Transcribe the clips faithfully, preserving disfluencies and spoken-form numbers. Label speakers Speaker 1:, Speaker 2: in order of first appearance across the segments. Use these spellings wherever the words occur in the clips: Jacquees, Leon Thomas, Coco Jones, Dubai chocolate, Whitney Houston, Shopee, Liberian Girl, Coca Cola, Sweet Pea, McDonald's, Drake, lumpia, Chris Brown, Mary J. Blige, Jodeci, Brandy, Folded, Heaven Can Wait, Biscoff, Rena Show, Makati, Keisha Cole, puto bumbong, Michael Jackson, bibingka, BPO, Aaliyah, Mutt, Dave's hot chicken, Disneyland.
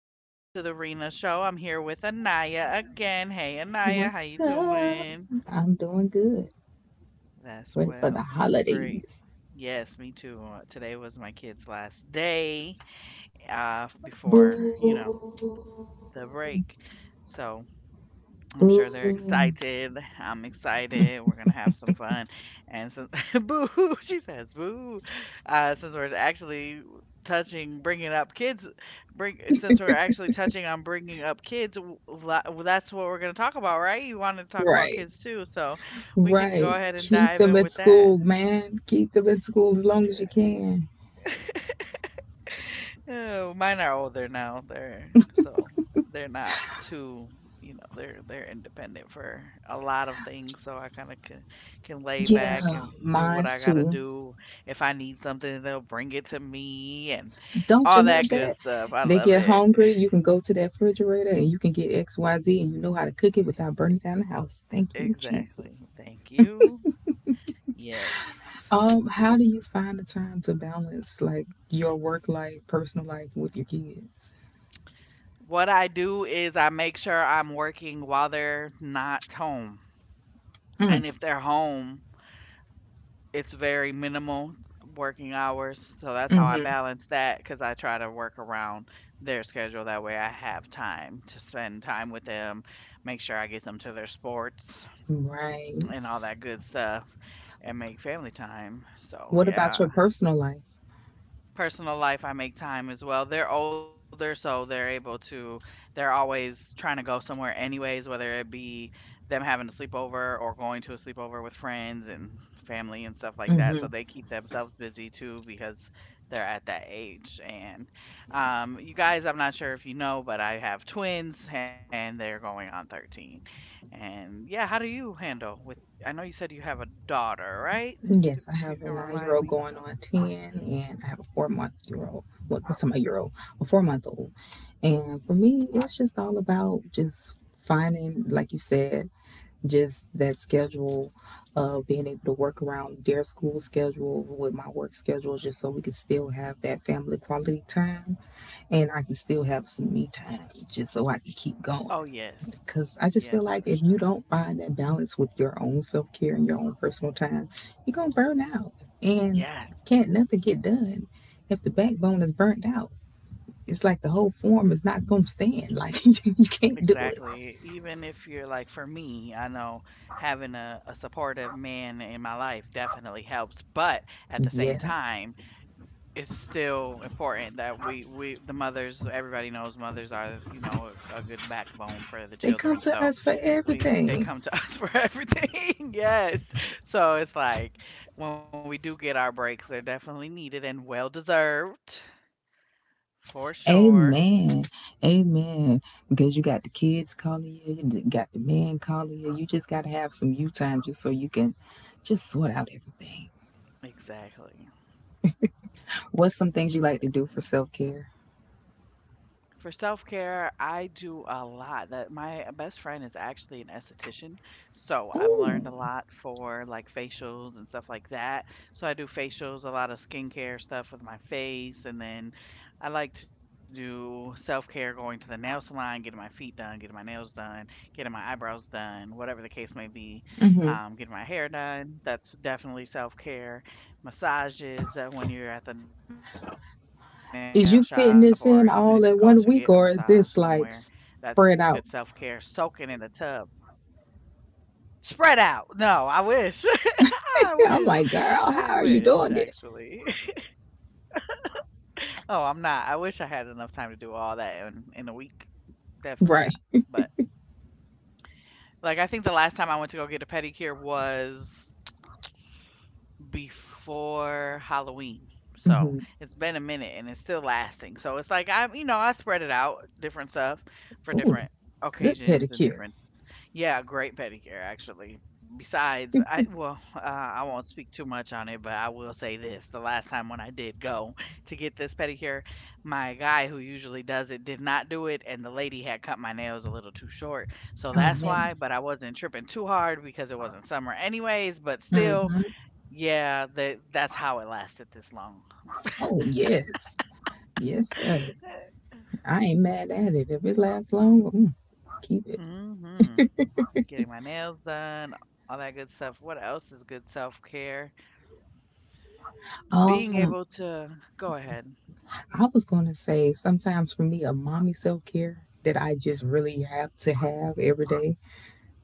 Speaker 1: Welcome to the Rena Show. I'm here with Anaya again. Hey, Anaya, how
Speaker 2: What's
Speaker 1: you
Speaker 2: up?
Speaker 1: doing?
Speaker 2: I'm doing good.
Speaker 1: That's
Speaker 2: Ready for the
Speaker 1: well. That's great.
Speaker 2: holidays.
Speaker 1: Yes, me too. Uh, Today was my kid's last day uh, before, you know,
Speaker 2: Boo.
Speaker 1: the break. So I'm sure they're
Speaker 2: Boo.
Speaker 1: excited. I'm excited. We're gonna have some fun. And since boo, hoo, she says, boo. Uh, since we're actually touching, bringing up kids, bring since we're actually touching on bringing up kids, w- la- well, that's what we're gonna talk about, right? You wanted to talk about
Speaker 2: Right.
Speaker 1: kids too, so we can go
Speaker 2: Right.
Speaker 1: ahead and
Speaker 2: Keep
Speaker 1: dive
Speaker 2: them
Speaker 1: in
Speaker 2: at
Speaker 1: with that.
Speaker 2: school, man. Keep them at school as long as you can.
Speaker 1: Oh, mine are older now. They're so they're not too, you know, they're they're independent for a lot of things, so I kind of can can lay back
Speaker 2: Yeah,
Speaker 1: and do what I
Speaker 2: mine's
Speaker 1: gotta
Speaker 2: too.
Speaker 1: do. If I need something, they'll bring it to me and
Speaker 2: Don't you
Speaker 1: all
Speaker 2: love
Speaker 1: that good
Speaker 2: that?
Speaker 1: stuff. I
Speaker 2: They
Speaker 1: love
Speaker 2: get
Speaker 1: it.
Speaker 2: hungry, you can go to that refrigerator and you can get X Y Z and you know how to cook it without burning down the house. Thank you, Jesus.
Speaker 1: Exactly. Thank you. Yes.
Speaker 2: Um, how do you find the time to balance like your work life, personal life with your kids?
Speaker 1: What I do is I make sure I'm working while they're not home.
Speaker 2: Mm,
Speaker 1: And if they're home, it's very minimal working hours, so that's how I
Speaker 2: mm-hmm.
Speaker 1: balance that because I try to work around their schedule. That way, I have time to spend time with them, make sure I get them to their sports
Speaker 2: Right.
Speaker 1: and all that good stuff, and make family time. So,
Speaker 2: What about
Speaker 1: yeah,
Speaker 2: your personal life?
Speaker 1: personal life, I make time as well. They're older, so they're able to, they're always trying to go somewhere, anyways, whether it be them having a sleepover or going to a sleepover with friends and family and stuff like that.
Speaker 2: Mm-hmm.
Speaker 1: So they keep themselves busy too because they're at that age. And um, you guys, I'm not sure if you know, but I have twins and they're going on thirteen. And yeah, how do you handle with? I know you said you have a daughter, right?
Speaker 2: Yes, I
Speaker 1: If you
Speaker 2: have a
Speaker 1: can remind
Speaker 2: nine-year-old
Speaker 1: me.
Speaker 2: going on ten, and I have a four-month-year-old. What, what's my year-old? A four-month-old. And for me, it's just all about just finding, like you said, just that schedule of being able to work around their school schedule with my work schedule, just so we can still have that family quality time and I can still have some me time just so I can keep
Speaker 1: Oh,
Speaker 2: going.
Speaker 1: yes.
Speaker 2: Because I just
Speaker 1: Yes,
Speaker 2: feel like
Speaker 1: for
Speaker 2: if you
Speaker 1: sure.
Speaker 2: don't find that balance with your own self care and your own personal time, you're going to burn out and
Speaker 1: Yes.
Speaker 2: can't nothing get done if the backbone is burnt out. It's like the whole form is not going to stand. Like you can't do it.
Speaker 1: Exactly. Even if you're like, for me, I know having a, a supportive man in my life definitely helps, but at the same
Speaker 2: Yeah.
Speaker 1: time, it's still important that we we the mothers, everybody knows mothers are, you know, a, a good backbone for the
Speaker 2: They come
Speaker 1: children.
Speaker 2: to
Speaker 1: So,
Speaker 2: us for
Speaker 1: we they
Speaker 2: everything.
Speaker 1: come to us for everything. Yes. So, it's like when we do get our breaks, they're definitely needed and well deserved. For sure.
Speaker 2: Amen. Amen. Because you got the kids calling you, you got the man calling you. You just got to have some you time just so you can just sort out everything.
Speaker 1: Exactly.
Speaker 2: What's some things you like to do for
Speaker 1: Exactly.
Speaker 2: self care?
Speaker 1: For self-care, I do a lot. That my best friend is actually an esthetician, so I've learned
Speaker 2: Ooh.
Speaker 1: a lot for like facials and stuff like that. So I do facials, a lot of skincare stuff with my face, and then I like to do self-care, going to the nail salon, getting my feet done, getting my nails done, getting my eyebrows done, whatever the case may be,
Speaker 2: Hmm.
Speaker 1: um, getting my hair done. That's definitely self-care, massages uh, when you're at the nail shop, or even if you go to get a
Speaker 2: Is you fitting
Speaker 1: massage
Speaker 2: this in
Speaker 1: somewhere,
Speaker 2: all in one
Speaker 1: that's
Speaker 2: week or
Speaker 1: good
Speaker 2: is
Speaker 1: self
Speaker 2: this
Speaker 1: care.
Speaker 2: like
Speaker 1: Soaking in the
Speaker 2: spread out?
Speaker 1: tub. Spread out. No, I wish. I wish.
Speaker 2: Yeah, I'm
Speaker 1: I
Speaker 2: like, girl,
Speaker 1: wish,
Speaker 2: how are you doing
Speaker 1: actually.
Speaker 2: it?
Speaker 1: Oh, I'm not. I wish I had enough time to do all that in, in a week. Definitely not.
Speaker 2: Right.
Speaker 1: But, like, I think the last time I went to go get a pedicure was before Halloween. So
Speaker 2: Hmm.
Speaker 1: it's been a minute and it's still lasting. So it's like, I'm, you know, I spread it out, different stuff for
Speaker 2: Ooh,
Speaker 1: different
Speaker 2: good
Speaker 1: occasions and
Speaker 2: pedicure.
Speaker 1: different. Yeah, great pedicure actually. Besides, I well, uh, I won't speak too much on it, but I will say this: the last time when I did go to get this pedicure, my guy who usually does it did not do it, and the lady had cut my nails a little too short, so
Speaker 2: Oh,
Speaker 1: that's why.
Speaker 2: man.
Speaker 1: But I wasn't tripping too hard because it wasn't summer, anyways. But still,
Speaker 2: Hmm.
Speaker 1: yeah, that that's how it lasted this long.
Speaker 2: Oh, yes. Yes, sir. I ain't mad at it. If it lasts long, mm, keep it.
Speaker 1: Hmm. Getting my nails done, all that good stuff. What else is good self care? Being
Speaker 2: Um,
Speaker 1: able to go ahead.
Speaker 2: I was gonna say sometimes for me, a mommy self care that I just really have to have every day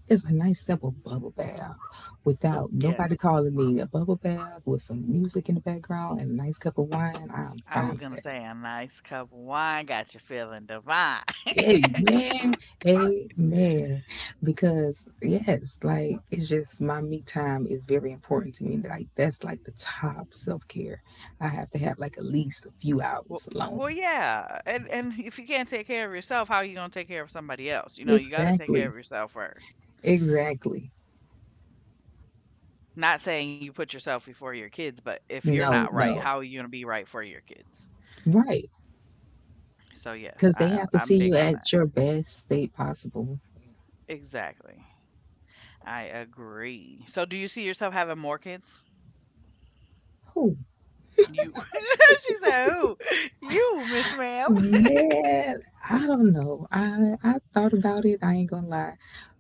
Speaker 2: is a nice simple bubble bath without nobody
Speaker 1: Yes,
Speaker 2: calling me. A bubble bath with some music in the background and a nice cup of wine. I'm
Speaker 1: I was
Speaker 2: fine with
Speaker 1: gonna
Speaker 2: that.
Speaker 1: say a nice cup of wine got you feeling divine.
Speaker 2: Amen. Amen. Because yes, like it's just my me time is very important to me. Like that's like the top self care. I have to have like at least a few
Speaker 1: Well,
Speaker 2: hours
Speaker 1: well,
Speaker 2: alone.
Speaker 1: yeah, and and if you can't take care of yourself, how are you gonna take care of somebody else? You know, you got to take care
Speaker 2: Exactly.
Speaker 1: of yourself first.
Speaker 2: Exactly.
Speaker 1: Not saying you put yourself before your kids, but if you're not
Speaker 2: No,
Speaker 1: right,
Speaker 2: no.
Speaker 1: how are you gonna be right for your kids?
Speaker 2: Right.
Speaker 1: So yes,
Speaker 2: Because they
Speaker 1: I,
Speaker 2: have to
Speaker 1: I'm
Speaker 2: see
Speaker 1: big
Speaker 2: you
Speaker 1: on
Speaker 2: at your best state possible.
Speaker 1: that. Exactly, I agree. So do you see yourself having more kids? You, she said, "Who? You, Miss Ma'am."
Speaker 2: Man, I don't know. I I thought about it. I ain't gonna lie,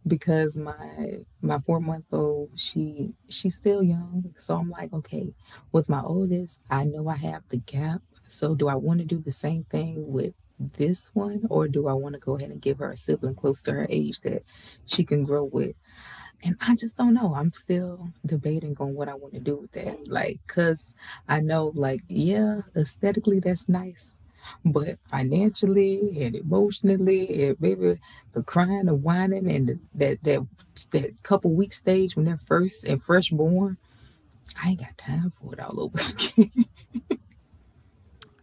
Speaker 2: because my my four month old she she's still young. So I'm like, okay, with my oldest, I know I have the gap. So do I want to do the same thing with this one, or do I want to go ahead and give her a sibling close to her age that she can grow with? And I just don't know. I'm still debating on what I want to do with that. Like, cause I know, like, yeah, aesthetically that's nice but financially and emotionally, and maybe the crying, and whining, and the, that that that couple week stage when they're first and fresh born, I ain't got time for it all over. Again.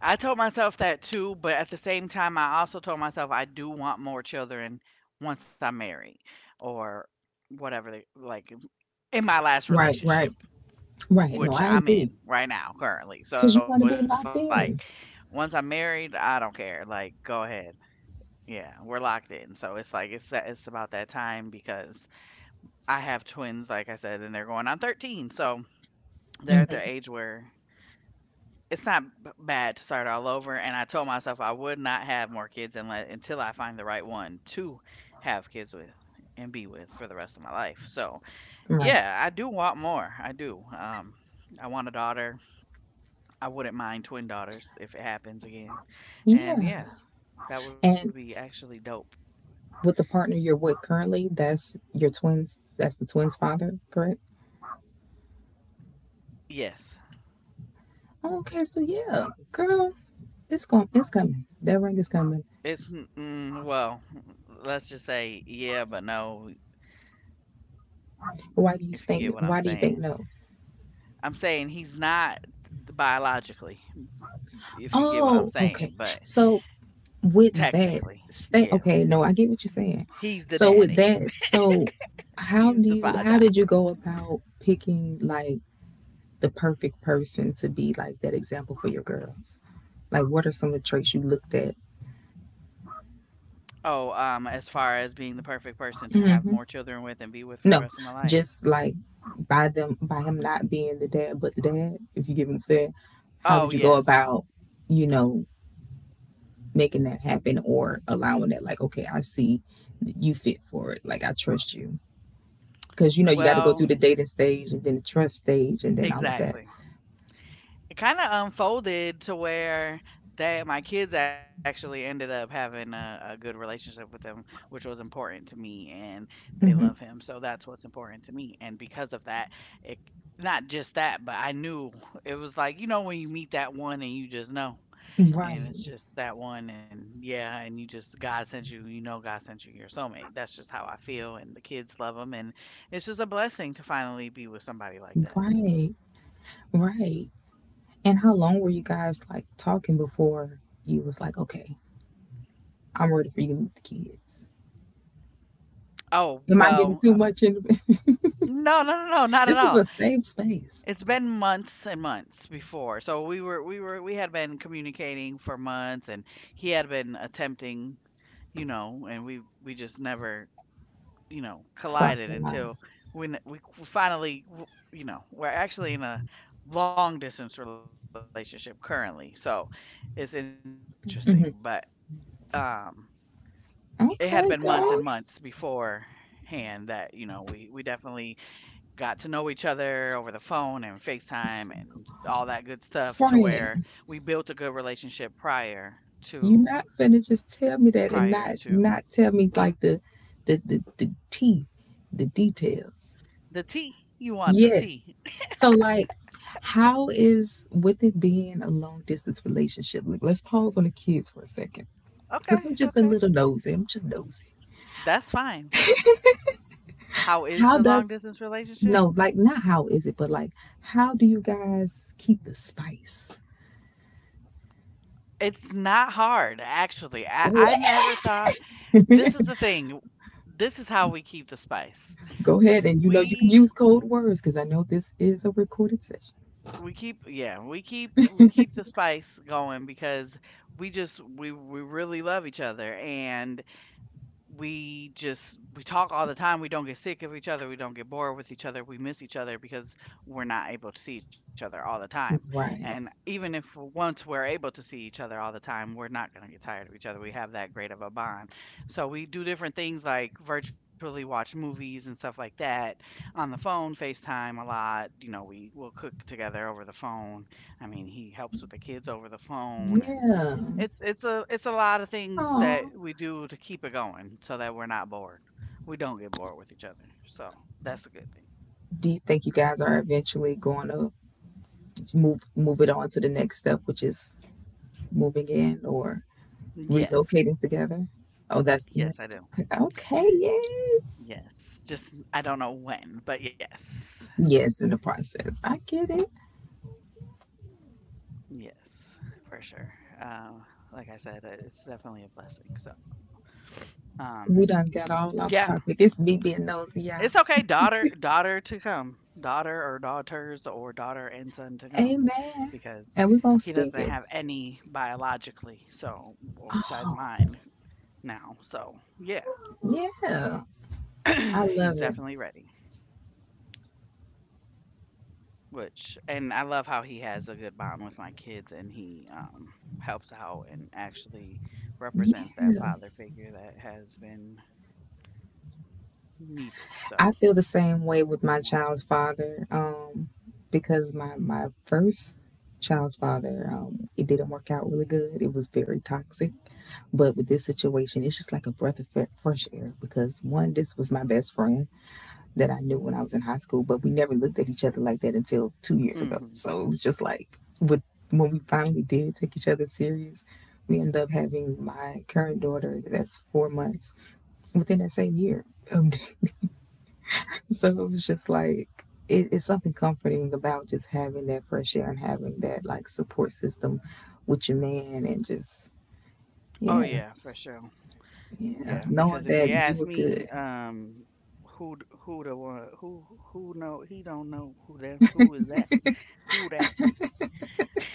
Speaker 1: I told myself that too, but at the same time, I also told myself I do want more children once I'm married or whatever they like in my last
Speaker 2: Right, right,
Speaker 1: relationship,
Speaker 2: right. No,
Speaker 1: which
Speaker 2: I
Speaker 1: I'm
Speaker 2: agree.
Speaker 1: in right now currently.
Speaker 2: Cause
Speaker 1: So
Speaker 2: you
Speaker 1: it's
Speaker 2: want to be
Speaker 1: like
Speaker 2: locked in.
Speaker 1: once I'm married, I don't care. Like, go ahead. Yeah, we're locked in. So it's like it's that, it's about that time because I have twins, like I said, and they're going on thirteen. So they're at the
Speaker 2: Hmm.
Speaker 1: age where it's not b- bad to start all over. And I told myself I would not have more kids unless, until I find the right one to have kids with and be with for the rest of my life. So,
Speaker 2: Right.
Speaker 1: yeah, I do want more. I do. Um, I want a daughter. I wouldn't mind twin daughters if it happens again.
Speaker 2: Yeah.
Speaker 1: And yeah, that would be
Speaker 2: And
Speaker 1: actually dope.
Speaker 2: with the partner you're with currently, that's your twins. That's the twins' father, correct?
Speaker 1: Yes.
Speaker 2: Okay, so yeah, girl, it's going, it's coming. That ring is coming.
Speaker 1: It's, n- mm, well, let's just say yeah, but no,
Speaker 2: Why do you
Speaker 1: if you get
Speaker 2: think?
Speaker 1: what I'm
Speaker 2: Why do you think
Speaker 1: saying.
Speaker 2: no?
Speaker 1: I'm saying he's not biologically, if you get what I'm
Speaker 2: Oh, okay.
Speaker 1: saying, but
Speaker 2: So with that
Speaker 1: technically,
Speaker 2: stay
Speaker 1: yeah,
Speaker 2: okay, no, I get what you're saying.
Speaker 1: he's the
Speaker 2: So with
Speaker 1: daddy.
Speaker 2: that, so how
Speaker 1: He's
Speaker 2: do
Speaker 1: the
Speaker 2: you how
Speaker 1: father.
Speaker 2: did you go about picking like the perfect person to be like that example for your girls? Like what are some of the traits you looked at?
Speaker 1: Oh, um, as far as being the perfect person to have
Speaker 2: Hmm.
Speaker 1: more children with and be with for the
Speaker 2: No,
Speaker 1: rest of my life.
Speaker 2: just like by them by him not being the dad but the dad, if you get what I'm saying. How
Speaker 1: Oh,
Speaker 2: did you go
Speaker 1: yes.
Speaker 2: about, you know, making that happen or allowing that like okay, I see you fit for it, like I trust you because you know you got to go through
Speaker 1: Well,
Speaker 2: the dating stage and then the trust stage and then all of that.
Speaker 1: exactly. It kinda unfolded to where they my kids actually ended up having a a good relationship with him, which was important to me, and they love
Speaker 2: Hmm.
Speaker 1: him, so that's what's important to me, and because of that, it, not just that, but I knew it was like, you know, when you meet that one and you just know, and it's
Speaker 2: Right,
Speaker 1: just that one, and yeah, and you just God sent you, you know God sent you your soulmate. That's just how I feel, and the kids love him, and it's just a blessing to finally be with somebody like that.
Speaker 2: right, right. And how long were you guys like talking before you was like okay, I'm ready for you to meet the kids?
Speaker 1: Oh,
Speaker 2: Am I getting
Speaker 1: well,
Speaker 2: too
Speaker 1: uh.
Speaker 2: much in?
Speaker 1: No, no, no, no, not at
Speaker 2: This is a
Speaker 1: all.
Speaker 2: safe space.
Speaker 1: It's been months and months before. So we were we were we had been communicating for months and he had been attempting, you know, and we we just never, you know,
Speaker 2: Cross
Speaker 1: collided
Speaker 2: that line.
Speaker 1: until when we c- finally, w- you know, we're actually in a long distance relationship currently. So it's interesting, but
Speaker 2: Hmm.
Speaker 1: um, it had been months and months
Speaker 2: Okay, girl.
Speaker 1: beforehand that, you know, we we definitely got to know each other over the phone and FaceTime and all that good stuff to where we built a
Speaker 2: Friend,
Speaker 1: good relationship prior to
Speaker 2: you're not finna just tell me
Speaker 1: prior
Speaker 2: that and
Speaker 1: to
Speaker 2: not not tell me like the the the, the tea, the details.
Speaker 1: the tea. You want the tea.
Speaker 2: Yes. So like how is with it being a long distance relationship? Like, let's pause on the kids for a second.
Speaker 1: Okay,
Speaker 2: Cause I'm
Speaker 1: okay.
Speaker 2: just a little nosy. I'm just nosy.
Speaker 1: That's fine. How is
Speaker 2: How
Speaker 1: the long
Speaker 2: does
Speaker 1: distance relationship?
Speaker 2: no, like not how is it, but like how do you guys keep the spice?
Speaker 1: It's not hard, actually. I, I
Speaker 2: What?
Speaker 1: never thought, this is the thing. This is how we keep the spice.
Speaker 2: Go ahead and you know you can
Speaker 1: We
Speaker 2: use code words because I know this is a recorded session.
Speaker 1: we keep yeah we keep we keep the spice going because we just we we really love each other, and we just we talk all the time. We don't get sick of each other. We don't get bored with each other. We miss each other because we're not able to see each other all the time, and
Speaker 2: Right.
Speaker 1: even if, once we're able to see each other all the time, we're not going to get tired of each other. We have that great of a bond, so we do different things like virtually watch movies and stuff like that on the phone, FaceTime a lot. You know, we will cook together over the phone. I mean, he helps with the kids over the phone, and
Speaker 2: Yeah.
Speaker 1: it's it's a it's a lot of things that
Speaker 2: Aw.
Speaker 1: we do to keep it going so that we're not bored. We don't get bored with each other. So that's a good thing.
Speaker 2: Do you think you guys are eventually going to move move it on to the next step, which is moving in or
Speaker 1: Yes.
Speaker 2: relocating together? Oh, that's the
Speaker 1: Yes,
Speaker 2: next.
Speaker 1: I do.
Speaker 2: Okay. Yes,
Speaker 1: Yes. Just I don't know when, but yes.
Speaker 2: yes. In the process, I get it.
Speaker 1: Yes, for sure. Uh, like I said, uh, it's definitely a blessing. So, um,
Speaker 2: We done got all
Speaker 1: yeah,
Speaker 2: off topic. It's me being nosy,
Speaker 1: it's
Speaker 2: y'all.
Speaker 1: okay, daughter, daughter to come, daughter or daughters or daughter and son to come,
Speaker 2: Amen.
Speaker 1: because
Speaker 2: And we're gonna
Speaker 1: he doesn't
Speaker 2: speak it.
Speaker 1: have any biologically. So, well, besides
Speaker 2: Oh,
Speaker 1: mine, now. So, yeah,
Speaker 2: yeah. I
Speaker 1: he's
Speaker 2: love it.
Speaker 1: definitely ready. Which, and I love how he has a good bond with my kids, and he um, helps out and actually represents that father figure that has been needed. So,
Speaker 2: I feel the same way with my child's
Speaker 1: wanted.
Speaker 2: father um, because my, my first child's father, um, it didn't work out really good. It was very toxic. But with this situation, it's just like a breath of fresh air because one, this was my best friend that I knew when I was in high school, but we never looked at each other like that until two years ago.
Speaker 1: Hmm.
Speaker 2: So it was just like with when we finally did take each other serious, we end up having my current daughter that's four months within that same year. Um, so it was just like it, it's something comforting about just having that fresh air and having that like support system with your man and just
Speaker 1: Oh
Speaker 2: yeah,
Speaker 1: yeah, for sure.
Speaker 2: yeah,
Speaker 1: Yeah, because
Speaker 2: knowing
Speaker 1: if you
Speaker 2: that you
Speaker 1: ask
Speaker 2: were
Speaker 1: me,
Speaker 2: good.
Speaker 1: um, who d- who the one who who know he don't know who them who is that who that.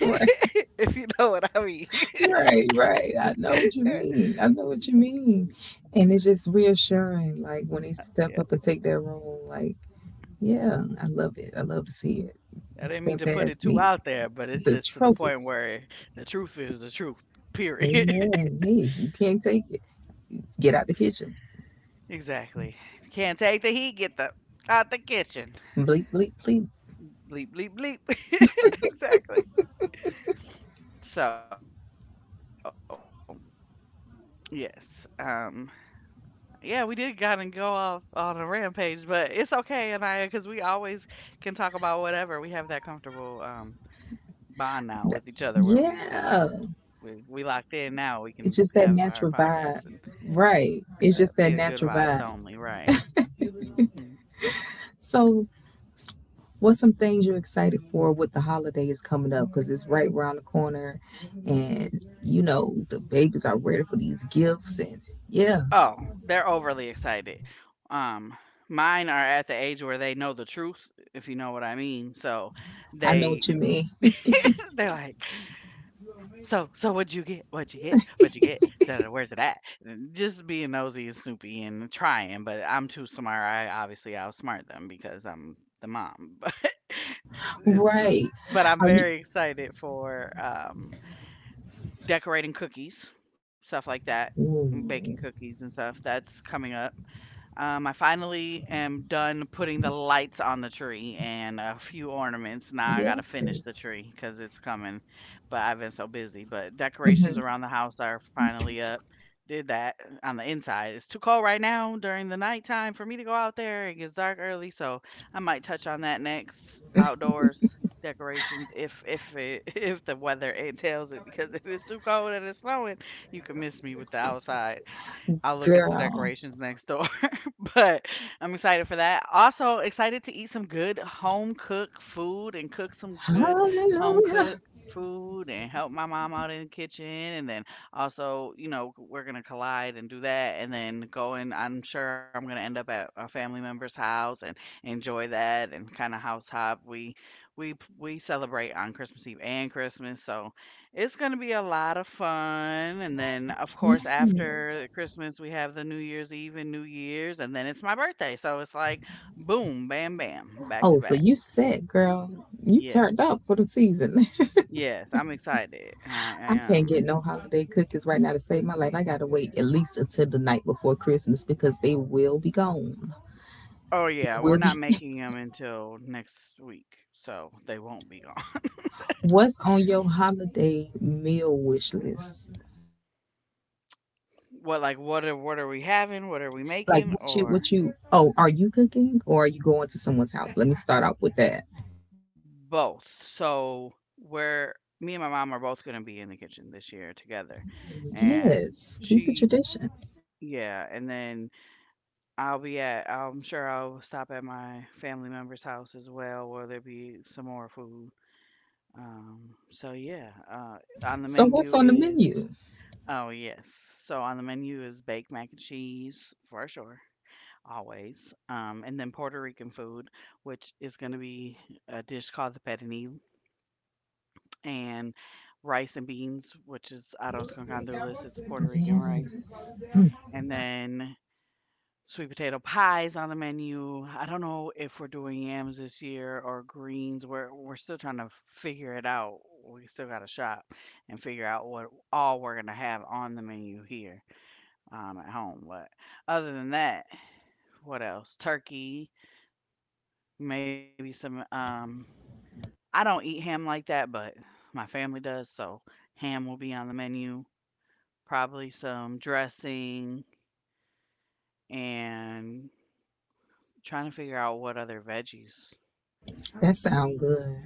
Speaker 2: Right,
Speaker 1: If you know what I mean.
Speaker 2: right, right. I know what you mean. I know what you mean. And it's just reassuring, like when they step up and take their role, like, yeah, I love it. I love to see it.
Speaker 1: I didn't mean to put it
Speaker 2: Stepdads
Speaker 1: too
Speaker 2: need
Speaker 1: out there, but it's
Speaker 2: the
Speaker 1: just to the point
Speaker 2: trophies.
Speaker 1: where the truth is the truth. Period.
Speaker 2: Amen. Hey, you can't take it. Get out the kitchen.
Speaker 1: Exactly. Can't take the heat. Get the out the kitchen.
Speaker 2: Bleep, bleep, bleep.
Speaker 1: Bleep bleep bleep. Exactly. So yes, um, yeah, we did kind of go off on a rampage, but it's okay, Anaya, because we always can talk about whatever. We have that comfortable um bond now with each other, where we kind of we we locked
Speaker 2: Yeah,
Speaker 1: in. Now we can have our
Speaker 2: it's just
Speaker 1: podcast,
Speaker 2: that
Speaker 1: and
Speaker 2: natural vibe.
Speaker 1: it's that eh,
Speaker 2: Right.
Speaker 1: good
Speaker 2: It's
Speaker 1: vibes
Speaker 2: just that
Speaker 1: only,
Speaker 2: natural
Speaker 1: right.
Speaker 2: vibe.
Speaker 1: Mhm.
Speaker 2: So, what's some things you're excited for with the holidays coming up? Because it's right around the corner, and you know, the babies are ready for these gifts. And yeah,
Speaker 1: Oh, they're overly excited. Um, Mine are at the age where they know the truth, if you know what I mean. So
Speaker 2: I know
Speaker 1: they
Speaker 2: what you mean.
Speaker 1: they're like, so so what'd you get? What'd you get? What'd you get? Da, da, where's it at? And just being nosy and snoopy and trying, but I'm too smart. I obviously outsmart them because I'm the mom. But it's
Speaker 2: Right.
Speaker 1: but I'm
Speaker 2: Are you?
Speaker 1: very excited for um decorating cookies, stuff like that, and baking
Speaker 2: Ooh,
Speaker 1: cookies and stuff. That's coming up. Um, I finally am done putting the lights on the tree and a few ornaments. Now I gotta finish the
Speaker 2: yes.
Speaker 1: tree because it's coming, but I've been so busy. But decorations
Speaker 2: Mhm.
Speaker 1: around the house are finally up. Did that on the inside. It's too cold right now during the nighttime for me to go out there. It gets dark early, so I might touch on that next outdoors decorations if if it if the weather entails it, because if it's too cold and it's snowing, you can miss me with the outside. I'll look at the
Speaker 2: Girl.
Speaker 1: decorations next door. But I'm excited for that. Also excited to eat some good home cooked food and cook some good home
Speaker 2: Hallelujah.
Speaker 1: cooked food and help my mom out in the kitchen, and then also, you know, we're going to collide and do that and then go, and I'm sure I'm going to end up at a family member's house and enjoy that and kind of house hop. We we we celebrate on Christmas Eve and Christmas, so it's gonna be a lot of fun, and then, of course, after Christmas, we have the New Year's Eve and New Year's, and then it's my birthday, so it's like boom, bam, bam, back to
Speaker 2: Oh, so
Speaker 1: back.
Speaker 2: you set, girl. You turned
Speaker 1: Yes.
Speaker 2: up for the season.
Speaker 1: Yes, I'm excited. I I
Speaker 2: I can't
Speaker 1: am.
Speaker 2: get no holiday cookies right now to save my life. I gotta wait at least until the night before Christmas because they will be gone.
Speaker 1: Oh,
Speaker 2: It
Speaker 1: yeah, we're
Speaker 2: will
Speaker 1: not
Speaker 2: be.
Speaker 1: making them until next week, so they won't be gone.
Speaker 2: What's on your holiday meal wish list?
Speaker 1: What, like, what are what are we having? What are we
Speaker 2: Like
Speaker 1: making?
Speaker 2: what you
Speaker 1: Or
Speaker 2: what you? Oh, are you cooking or are you going to someone's house? Let me start off with that.
Speaker 1: both. So we're me and my mom are both gonna be in the kitchen this year together. And
Speaker 2: Yes, keep the
Speaker 1: she
Speaker 2: tradition.
Speaker 1: yeah, and then I'll be at I'm sure I'll stop at my family member's house as well, where there'll be some more food. Um, so yeah, uh, on the
Speaker 2: So what's
Speaker 1: menu
Speaker 2: on the
Speaker 1: is
Speaker 2: menu?
Speaker 1: Oh yes, so on the menu is baked mac and cheese for sure, always. Um, and then Puerto Rican food, which is going to be a dish called the pernil, and rice and beans, which is arroz con gandules, is Puerto Rican rice,
Speaker 2: Yes,
Speaker 1: and then sweet potato pies on the menu. I don't know if we're doing yams this year or greens. We're we're still trying to figure it out. We still got to shop and figure out what all we're gonna have on the menu here um, at home. But other than that, what else? Turkey, maybe some. Um, I don't eat ham like that, but my family does, so ham will be on the menu. Probably some dressing and trying to figure out what other veggies.
Speaker 2: that sounds good.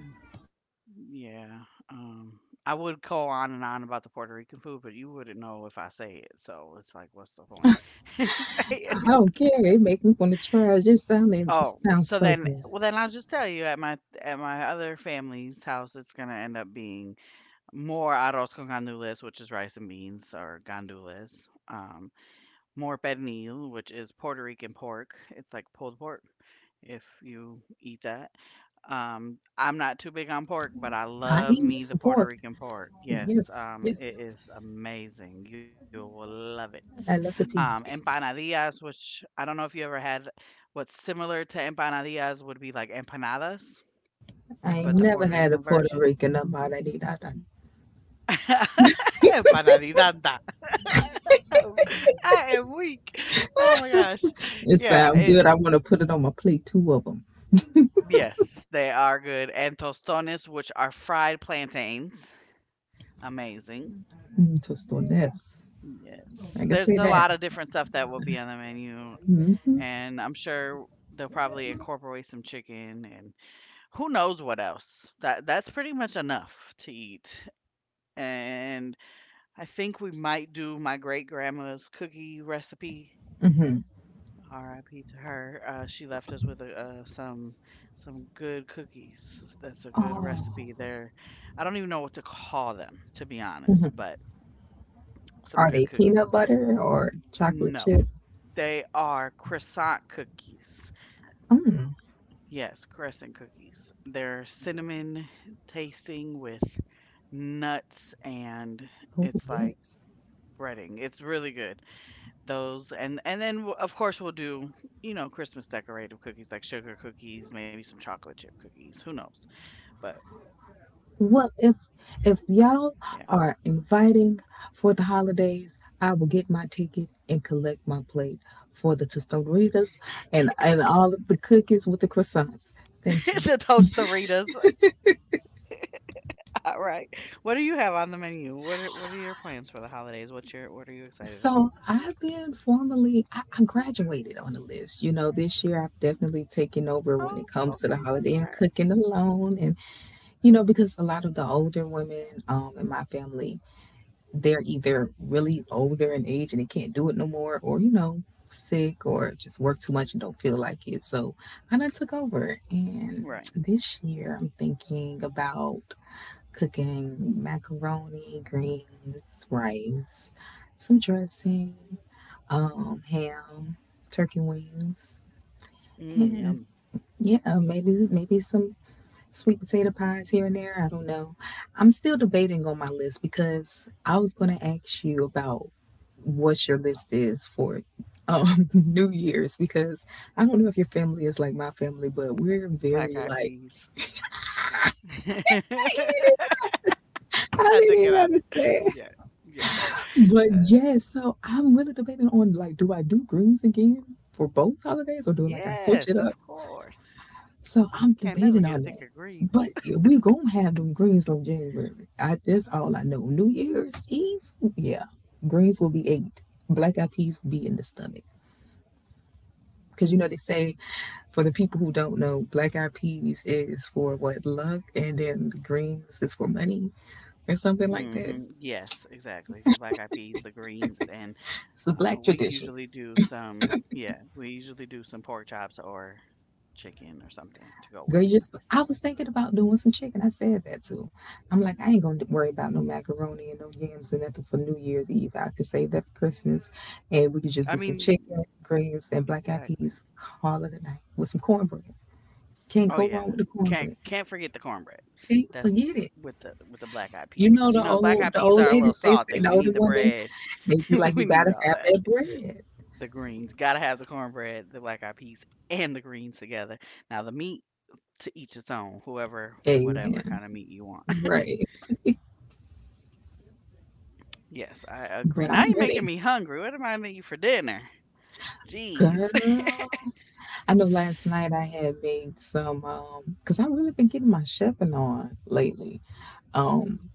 Speaker 1: Yeah, um, I would go on and on about the Puerto Rican food, but you wouldn't know if I say it, so it's like, what's the point? Say it.
Speaker 2: I don't care. It make me want to try. It just sounded. It
Speaker 1: Oh,
Speaker 2: sounds
Speaker 1: so
Speaker 2: so
Speaker 1: then,
Speaker 2: good.
Speaker 1: well, then I'll just tell you at my at my other family's house, it's gonna end up being more arroz con gandules, which is rice and beans or gandules, um, more pernil, which is Puerto Rican pork. It's like pulled pork, if you eat that. Um, I'm not too big on pork, but I
Speaker 2: I
Speaker 1: love
Speaker 2: eat me
Speaker 1: me the
Speaker 2: some
Speaker 1: Puerto
Speaker 2: pork.
Speaker 1: Rican pork. Yes,
Speaker 2: Yes,
Speaker 1: um,
Speaker 2: yes.
Speaker 1: it is amazing. You will love it.
Speaker 2: I love the
Speaker 1: Um,
Speaker 2: peach.
Speaker 1: empanadillas, which I don't know if you ever had. What's similar to empanadillas would be like empanadas,
Speaker 2: I ain't
Speaker 1: but the
Speaker 2: never
Speaker 1: Puerto
Speaker 2: had a
Speaker 1: Rican
Speaker 2: Puerto
Speaker 1: version.
Speaker 2: Rican about that either.
Speaker 1: Empanadillas. I am weak. Oh my gosh.
Speaker 2: It
Speaker 1: Yeah.
Speaker 2: sound good. I
Speaker 1: It,
Speaker 2: want to put it on my plate, two of them.
Speaker 1: yes, they are good. And tostones, which are fried plantains. Amazing.
Speaker 2: Mm, tostones.
Speaker 1: Yes.
Speaker 2: I can
Speaker 1: There's
Speaker 2: say
Speaker 1: a
Speaker 2: that.
Speaker 1: lot of different stuff that will be on the menu, and I'm sure they'll probably incorporate some chicken and who knows what else. That that's pretty much enough to eat. And I think we might do my great grandma's cookie recipe. R I P to her. Uh, she left us with a, uh, some some good cookies. That's a good
Speaker 2: Oh,
Speaker 1: recipe there. I don't even know what to call them, to be honest, but some
Speaker 2: are
Speaker 1: good
Speaker 2: they peanut
Speaker 1: cookies.
Speaker 2: butter or chocolate
Speaker 1: No,
Speaker 2: chip?
Speaker 1: they are croissant cookies. Yes, crescent cookies. They're cinnamon tasting with nuts, and
Speaker 2: Oh,
Speaker 1: it's like
Speaker 2: yes.
Speaker 1: breading. It's really good. Those, and and then w- of course we'll do, you know, Christmas decorative cookies like sugar cookies, maybe some chocolate chip cookies, who knows. But
Speaker 2: Well,
Speaker 1: yeah.
Speaker 2: if if y'all are inviting for the holidays, I will get my ticket and collect my plate for the tostaditas and and all of the cookies with the
Speaker 1: The
Speaker 2: croissants. Thank you.
Speaker 1: tostaritas. All right. What do you have on the menu? What are what are your plans for the holidays? What's your what are you excited about?
Speaker 2: So I've been formally, I, I graduated on the list. You know, this year I've definitely taken
Speaker 1: Oh,
Speaker 2: over when it
Speaker 1: okay,
Speaker 2: comes to the
Speaker 1: congrats.
Speaker 2: holiday and cooking alone. And, you know, because a lot of the older women um, in my family, they're either really older in age and they can't do it no more, or, you know, sick or just work too much and don't feel like it. So I done took over. And
Speaker 1: Right.
Speaker 2: this year I'm thinking about cooking macaroni, greens, rice, some dressing um, ham, turkey wings,
Speaker 1: Mm, yum.
Speaker 2: and yeah, maybe maybe some sweet potato pies here and there. I don't know. I'm still debating on my list because I was going to ask you about what your list is for um, New Year's because I don't know if your family is like my family, but we're
Speaker 1: Black
Speaker 2: very
Speaker 1: Eyed
Speaker 2: like.
Speaker 1: Peas.
Speaker 2: I
Speaker 1: I took
Speaker 2: didn't
Speaker 1: it
Speaker 2: even have
Speaker 1: out.
Speaker 2: to say it.
Speaker 1: Yeah, yeah.
Speaker 2: But yes, so I'm really debating on like, do I do greens again for both holidays or do like I switch it
Speaker 1: Yes, of
Speaker 2: up?
Speaker 1: course.
Speaker 2: So I'm
Speaker 1: Can never
Speaker 2: debating
Speaker 1: get
Speaker 2: on
Speaker 1: sick
Speaker 2: that.
Speaker 1: of
Speaker 2: But
Speaker 1: greens.
Speaker 2: yeah, we gonna have them greens on January. I that's all I know. New Year's Eve, yeah, greens will be eight. Black eyed peas will be in the stomach. Cause you know they say for the people who don't know, black eyed peas is for what luck, and then the greens is for money or something like that.
Speaker 1: hmm Yes, exactly. The black eyed peas, the greens, and
Speaker 2: It's a
Speaker 1: uh,
Speaker 2: black
Speaker 1: we
Speaker 2: tradition.
Speaker 1: usually do some. Yeah, we usually do some pork chops or chicken or something to go
Speaker 2: Girl,
Speaker 1: with
Speaker 2: you
Speaker 1: it.
Speaker 2: just, I was thinking about doing some chicken. I said that too. I'm like, I ain't going to worry about no macaroni and no yams and nothing for New Year's Eve. I could save that for Christmas and we could
Speaker 1: I
Speaker 2: just do some
Speaker 1: mean,
Speaker 2: chicken, greens, and black eyed
Speaker 1: exactly.
Speaker 2: peas. Call it a night with some cornbread. Can't
Speaker 1: Oh
Speaker 2: go
Speaker 1: yeah,
Speaker 2: wrong with the
Speaker 1: can't
Speaker 2: cornbread.
Speaker 1: can't forget the cornbread.
Speaker 2: Can't
Speaker 1: That's
Speaker 2: forget it.
Speaker 1: with the with the black eyed
Speaker 2: You
Speaker 1: peas,
Speaker 2: know
Speaker 1: because you
Speaker 2: the
Speaker 1: know the black eyed
Speaker 2: old the
Speaker 1: peas
Speaker 2: old
Speaker 1: are a little
Speaker 2: ladies they say
Speaker 1: salty.
Speaker 2: the
Speaker 1: We
Speaker 2: older
Speaker 1: need the
Speaker 2: women
Speaker 1: bread.
Speaker 2: they be like you
Speaker 1: We need
Speaker 2: gotta
Speaker 1: all
Speaker 2: have
Speaker 1: that.
Speaker 2: that bread.
Speaker 1: The greens. Gotta have the cornbread, the black eyed peas, and the greens together. Now, the meat, to each its own. Whoever, whatever
Speaker 2: Amen.
Speaker 1: kind of meat you want.
Speaker 2: Right.
Speaker 1: Yes, I agree. Now you're
Speaker 2: But
Speaker 1: making
Speaker 2: I'm
Speaker 1: me
Speaker 2: ready.
Speaker 1: hungry. What am I gonna eat for dinner? Jeez.
Speaker 2: Girl. I know last night I had made some um cuz I really been getting my chefing on lately. Um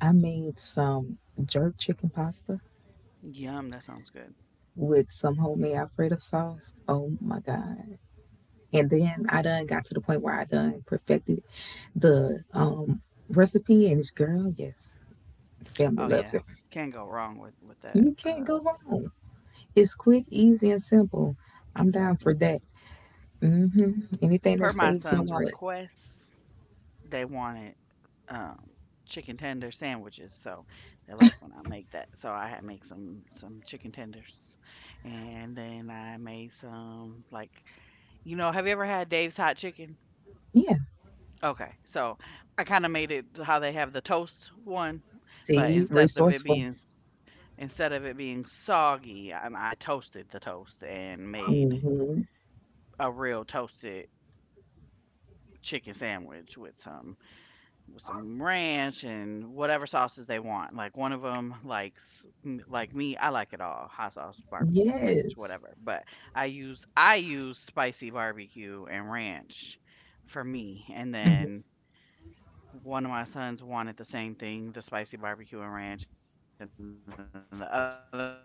Speaker 2: I made some jerk chicken pasta
Speaker 1: Yum, that sounds good.
Speaker 2: with some homemade alfredo sauce. Oh my god. And then I done got to the point where I done perfected the um recipe and this girl, yes, the family
Speaker 1: Oh,
Speaker 2: loves
Speaker 1: yeah.
Speaker 2: it.
Speaker 1: Can't go wrong with, with that.
Speaker 2: You can't
Speaker 1: Uh,
Speaker 2: go wrong. It's quick, easy and simple. I'm down for
Speaker 1: exactly.
Speaker 2: that. Mhm. Anything
Speaker 1: Per
Speaker 2: that
Speaker 1: my
Speaker 2: saves my
Speaker 1: son's
Speaker 2: wallet.
Speaker 1: request, they wanted um, chicken tender sandwiches. So they like when I make that. So I had make some some chicken tenders, and then I made some like, you know. Have you ever had Dave's hot chicken?
Speaker 2: Yeah.
Speaker 1: Okay, so I kind of made it how they have the toast one, but
Speaker 2: See,
Speaker 1: instead of it
Speaker 2: resourceful.
Speaker 1: being instead of it being soggy, I, I toasted the toast and made
Speaker 2: Mhm.
Speaker 1: a real toasted chicken sandwich with some with some ranch and whatever sauces they want. Like one of them likes m- like me, I like it all. Hot sauce, barbecue, ranch,
Speaker 2: Yes.
Speaker 1: whatever. But I use I use spicy barbecue and ranch for me. And
Speaker 2: Mhm.
Speaker 1: then one of my sons wanted the same thing, the spicy barbecue and ranch, and then the other one wanted hot sauce and ranch. So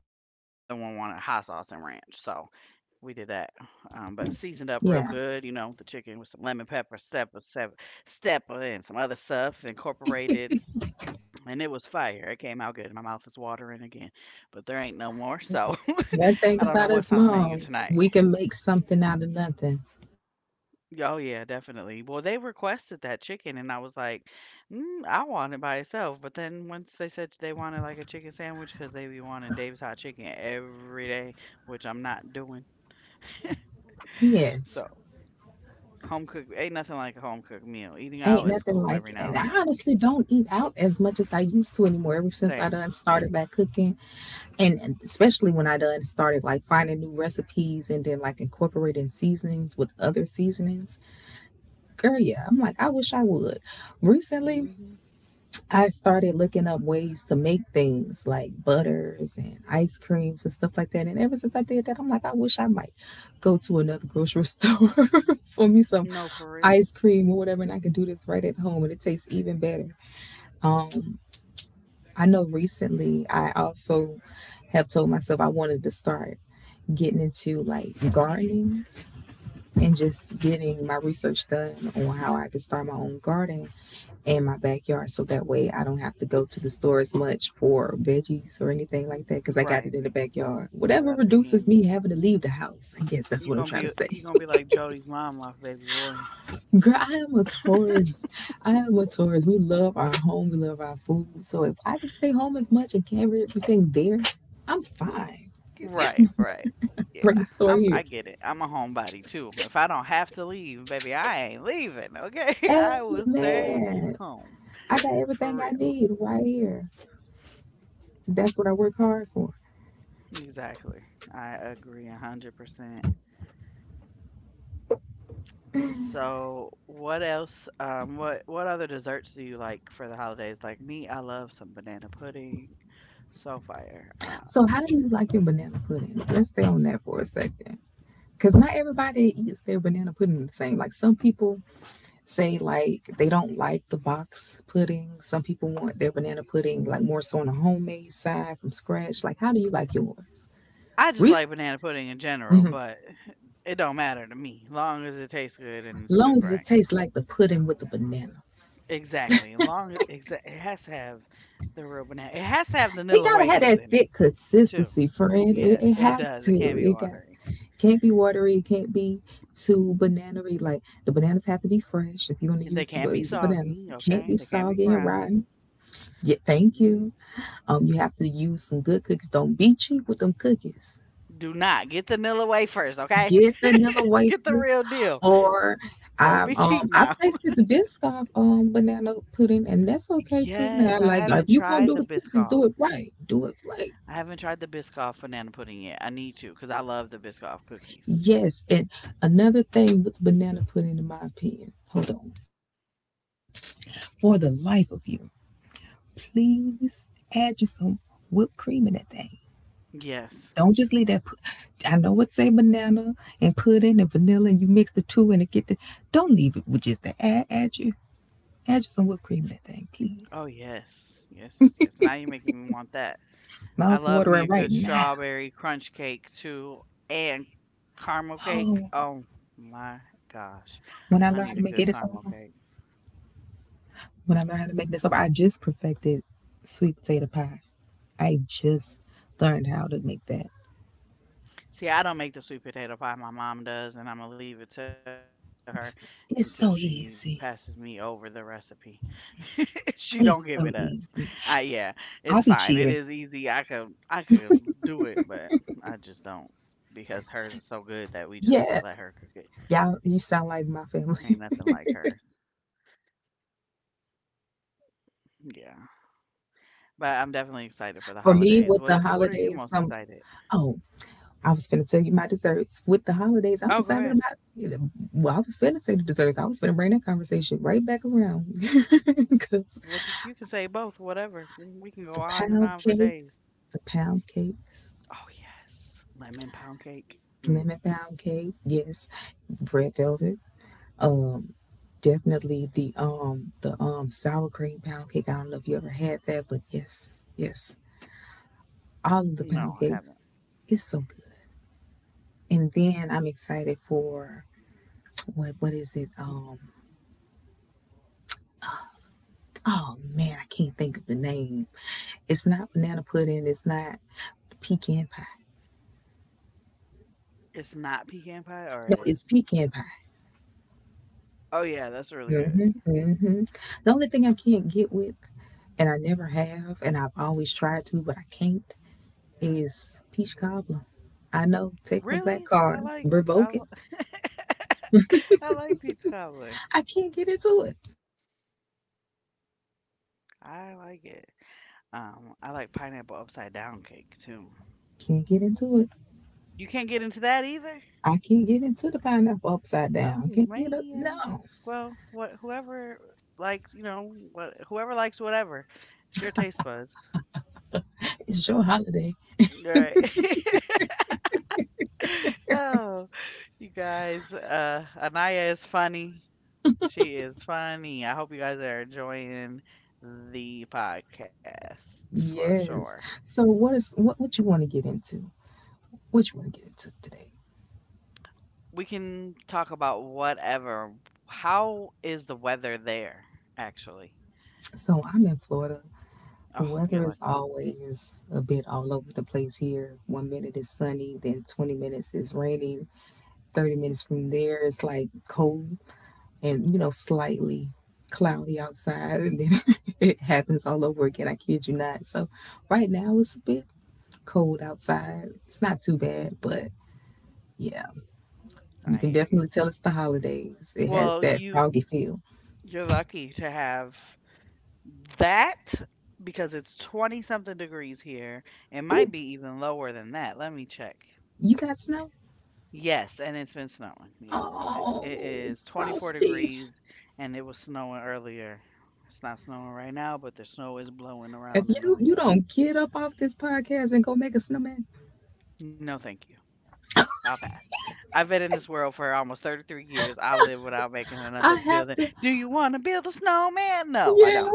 Speaker 1: we did that. Um, but seasoned up real good, you know, the chicken with some lemon pepper,
Speaker 2: Yeah.
Speaker 1: step, step, stepper and some other stuff incorporated, and it was fire. It came out good. My mouth is watering again, but there ain't no more. So I don't know
Speaker 2: One
Speaker 1: what's on
Speaker 2: thing
Speaker 1: the
Speaker 2: about
Speaker 1: menu
Speaker 2: us
Speaker 1: tonight.
Speaker 2: moms, we can make something out of nothing.
Speaker 1: Oh, yeah, definitely. Well, they requested that chicken, and I was like, mm, I want it by itself. But then once they said they wanted like a chicken sandwich, because they be wanting Dave's hot chicken every day, which I'm not doing.
Speaker 2: Yes.
Speaker 1: So home cooked, ain't nothing like a home cooked meal. Eating
Speaker 2: Ain't
Speaker 1: out is
Speaker 2: nothing
Speaker 1: cool
Speaker 2: like it.
Speaker 1: every
Speaker 2: And
Speaker 1: now
Speaker 2: I
Speaker 1: and then.
Speaker 2: honestly don't eat out as much as I used to anymore ever since I
Speaker 1: Same.
Speaker 2: done started back cooking. And and especially when I done started like finding new recipes and then like incorporating seasonings with other seasonings. Girl, yeah. I'm like, I wish I would. Recently,
Speaker 1: Hmm
Speaker 2: I started looking up ways to make things like butters and ice creams and stuff like that. And ever since I did that, I'm like, I wish I might go to another grocery store for me some
Speaker 1: No, for real.
Speaker 2: ice cream or whatever, and I can do this right at home, and it tastes even better. Um, I know recently I also have told myself I wanted to start getting into like gardening and just getting my research done on how I could start my own garden in my backyard so that way I don't have to go to the store as much for veggies or anything like that because I got
Speaker 1: Right.
Speaker 2: it in the backyard.
Speaker 1: Yeah,
Speaker 2: Whatever
Speaker 1: that'll be
Speaker 2: reduces
Speaker 1: handy.
Speaker 2: me having to leave the house. I guess that's
Speaker 1: You
Speaker 2: what I'm
Speaker 1: gonna
Speaker 2: trying to
Speaker 1: be you
Speaker 2: say.
Speaker 1: gonna be like Jody's mom, my baby boy.
Speaker 2: Girl, I am a Taurus. I am a Taurus. We love our home, we love our food. So if I can stay home as much and carry everything there, I'm fine.
Speaker 1: Right, right.
Speaker 2: Bring
Speaker 1: Yeah,
Speaker 2: the store
Speaker 1: I'm.
Speaker 2: here.
Speaker 1: I get it. I'm a homebody too. If I don't have to leave, baby, I ain't leaving. Okay, I will stay
Speaker 2: Amen.
Speaker 1: home
Speaker 2: I got
Speaker 1: for
Speaker 2: everything I
Speaker 1: real.
Speaker 2: need right here. That's what I work hard for.
Speaker 1: Exactly. I agree a hundred percent. So, what else? Um, what what other desserts do you like for the holidays? Like me, I love some banana pudding, so fire. Um,
Speaker 2: So how do you like your banana pudding? Let's stay on that for a second. Because not everybody eats their banana pudding the same. Like some people say, like they don't like the box pudding. Some people want their banana pudding like more so on the homemade side from scratch. Like, how do you like yours?
Speaker 1: I just like
Speaker 2: Reese,
Speaker 1: banana pudding in general, but it don't matter to me, long as it tastes good and it's
Speaker 2: long
Speaker 1: cooked
Speaker 2: as it
Speaker 1: right.
Speaker 2: tastes like the pudding with the banana.
Speaker 1: Exactly. And long exa it has to have the real banana. It has to have
Speaker 2: It
Speaker 1: vanilla
Speaker 2: gotta have
Speaker 1: wafers
Speaker 2: that
Speaker 1: in it
Speaker 2: thick
Speaker 1: too.
Speaker 2: consistency, friend.
Speaker 1: Yeah,
Speaker 2: It, it
Speaker 1: it
Speaker 2: has
Speaker 1: does. It
Speaker 2: to.
Speaker 1: can't be
Speaker 2: It got
Speaker 1: watery.
Speaker 2: can't be watery. It can't be too bananery. Like the bananas have to be fresh if you're gonna
Speaker 1: And they
Speaker 2: use the,
Speaker 1: can be
Speaker 2: the bananas.
Speaker 1: soggy.
Speaker 2: It can't be
Speaker 1: Okay. They can be
Speaker 2: soggy and
Speaker 1: brown.
Speaker 2: rotten. Yeah, thank
Speaker 1: Mm-mm.
Speaker 2: you. Um, you have to use some good cookies. Don't be cheap with them cookies.
Speaker 1: Do not get the vanilla wafers. Okay.
Speaker 2: Get vanilla
Speaker 1: Get the
Speaker 2: wafers,
Speaker 1: real deal.
Speaker 2: or
Speaker 1: Don't
Speaker 2: I've
Speaker 1: be cheap
Speaker 2: um I've
Speaker 1: now.
Speaker 2: tasted the Biscoff um banana pudding, and that's okay too. Now,
Speaker 1: Yes, I
Speaker 2: like if
Speaker 1: haven't
Speaker 2: you're gonna do
Speaker 1: tried the
Speaker 2: the cookies, do
Speaker 1: Biscoff.
Speaker 2: it right. Do it right.
Speaker 1: I haven't tried the Biscoff banana pudding yet. I need to because I love the Biscoff cookies.
Speaker 2: Yes, and another thing with the banana pudding, in my opinion, hold on, for the life of you, please add you some whipped cream in that thing.
Speaker 1: Yes.
Speaker 2: Don't just leave that. I know it say banana and pudding and vanilla, and you mix the two and it get the. Don't leave it with just that. Add, add you, add you some whipped cream in that thing, please.
Speaker 1: Oh yes. Yes. Yes. Yes. Now you're making me want that. I
Speaker 2: Mouth
Speaker 1: love me
Speaker 2: watering
Speaker 1: a
Speaker 2: right
Speaker 1: good
Speaker 2: now.
Speaker 1: strawberry crunch cake too, and caramel cake.
Speaker 2: Oh,
Speaker 1: Oh my gosh,
Speaker 2: when I
Speaker 1: I
Speaker 2: learn how
Speaker 1: need
Speaker 2: to
Speaker 1: a
Speaker 2: make
Speaker 1: good
Speaker 2: it, it's
Speaker 1: caramel
Speaker 2: over.
Speaker 1: cake.
Speaker 2: When I learn how to make this up. I just perfected sweet potato pie. I just learned how to make that.
Speaker 1: See, I don't make the sweet potato pie. My mom does, and I'm gonna leave it to her until she
Speaker 2: It's
Speaker 1: passes
Speaker 2: so
Speaker 1: me over the
Speaker 2: easy.
Speaker 1: recipe. She don't give it up.
Speaker 2: It's
Speaker 1: I
Speaker 2: so
Speaker 1: yeah,
Speaker 2: easy.
Speaker 1: it's fine. It is
Speaker 2: I'll
Speaker 1: easy.
Speaker 2: be
Speaker 1: I could
Speaker 2: cheating.
Speaker 1: I could do it, but I just don't because hers is so good that we just let her cook it.
Speaker 2: Yeah. Y'all, you sound like
Speaker 1: Ain't
Speaker 2: my
Speaker 1: nothing like
Speaker 2: family.
Speaker 1: hers. Yeah. But I'm definitely excited for the
Speaker 2: For
Speaker 1: holidays.
Speaker 2: me,
Speaker 1: What
Speaker 2: with
Speaker 1: What
Speaker 2: the
Speaker 1: are you most
Speaker 2: holidays, some,
Speaker 1: excited?
Speaker 2: oh, I was finna tell you my desserts. With the holidays,
Speaker 1: Oh,
Speaker 2: I'm
Speaker 1: go ahead.
Speaker 2: excited about. Well, I was finna say the desserts. I was finna bring that conversation right back around because
Speaker 1: What th- you can say both, whatever. We can go
Speaker 2: the
Speaker 1: on and on
Speaker 2: pound
Speaker 1: for
Speaker 2: cake,
Speaker 1: days.
Speaker 2: the pound cakes,
Speaker 1: Oh yes, lemon pound cake. Mm.
Speaker 2: lemon pound cake, yes, red velvet. Um, definitely the um the um sour cream pound cake. I don't know if you ever had that, but yes, yes, all of the pound
Speaker 1: No, I
Speaker 2: cakes.
Speaker 1: haven't.
Speaker 2: It's so good. And then I'm excited for what what is it? Um, oh man, I can't think of the name. It's not banana pudding. It's not pecan pie.
Speaker 1: It's not pecan pie, or it
Speaker 2: No,
Speaker 1: is.
Speaker 2: it's pecan pie.
Speaker 1: Oh yeah, that's really good.
Speaker 2: Hmm. The only thing I can't get with, and I never have, and I've always tried to, but I can't, is peach cobbler. I know, take my
Speaker 1: Really,
Speaker 2: black
Speaker 1: I
Speaker 2: card,
Speaker 1: like I,
Speaker 2: revoke
Speaker 1: li-
Speaker 2: it.
Speaker 1: I like peach cobbler.
Speaker 2: I can't get into it.
Speaker 1: I like it. Um, I like pineapple upside down cake too.
Speaker 2: Can't get into it.
Speaker 1: You can't get into that either.
Speaker 2: I can't get into the pineapple upside down.
Speaker 1: Oh
Speaker 2: Can't get up.
Speaker 1: man.
Speaker 2: No,
Speaker 1: Well, what whoever likes, you know, what whoever likes whatever. It's your taste buds.
Speaker 2: it's your holiday.
Speaker 1: Right. oh, you guys, uh Anaya is funny. She is funny. I hope you guys are enjoying the podcast for sure.
Speaker 2: Yes. So what is what? What you want to get into? What you want to get into today?
Speaker 1: We can talk about whatever. How is the weather there actually?
Speaker 2: So I'm in Florida. The
Speaker 1: Oh,
Speaker 2: weather
Speaker 1: you're
Speaker 2: is
Speaker 1: lucky.
Speaker 2: always a bit all over the place here. One minute is sunny, then twenty minutes is rainy. thirty minutes from there, it's like cold and, you know, slightly cloudy outside. And then it happens all over again. I kid you not. So right now, it's a bit cold outside. It's not too bad, but yeah, you
Speaker 1: I
Speaker 2: can
Speaker 1: hear you.
Speaker 2: definitely tell it's the holidays. It has
Speaker 1: Well,
Speaker 2: that
Speaker 1: you
Speaker 2: foggy feel.
Speaker 1: you're lucky to have that because it's twenty something degrees here. It might
Speaker 2: Ooh,
Speaker 1: be even lower than that. Let me check.
Speaker 2: you got snow?
Speaker 1: Yes, and it's been snowing. Yes. It, it
Speaker 2: Oh,
Speaker 1: is twenty-four
Speaker 2: frosty.
Speaker 1: degrees and it was snowing earlier. It's not snowing right now, but the snow is blowing
Speaker 2: If
Speaker 1: around in the
Speaker 2: you you
Speaker 1: wind.
Speaker 2: don't get up off this podcast and go make a snowman,
Speaker 1: No, thank you. I'll pass. I've been in this world for almost thirty-three years. I'll live without making another
Speaker 2: I have
Speaker 1: building.
Speaker 2: to.
Speaker 1: Do you want to build a snowman? No, I
Speaker 2: Yeah,
Speaker 1: don't.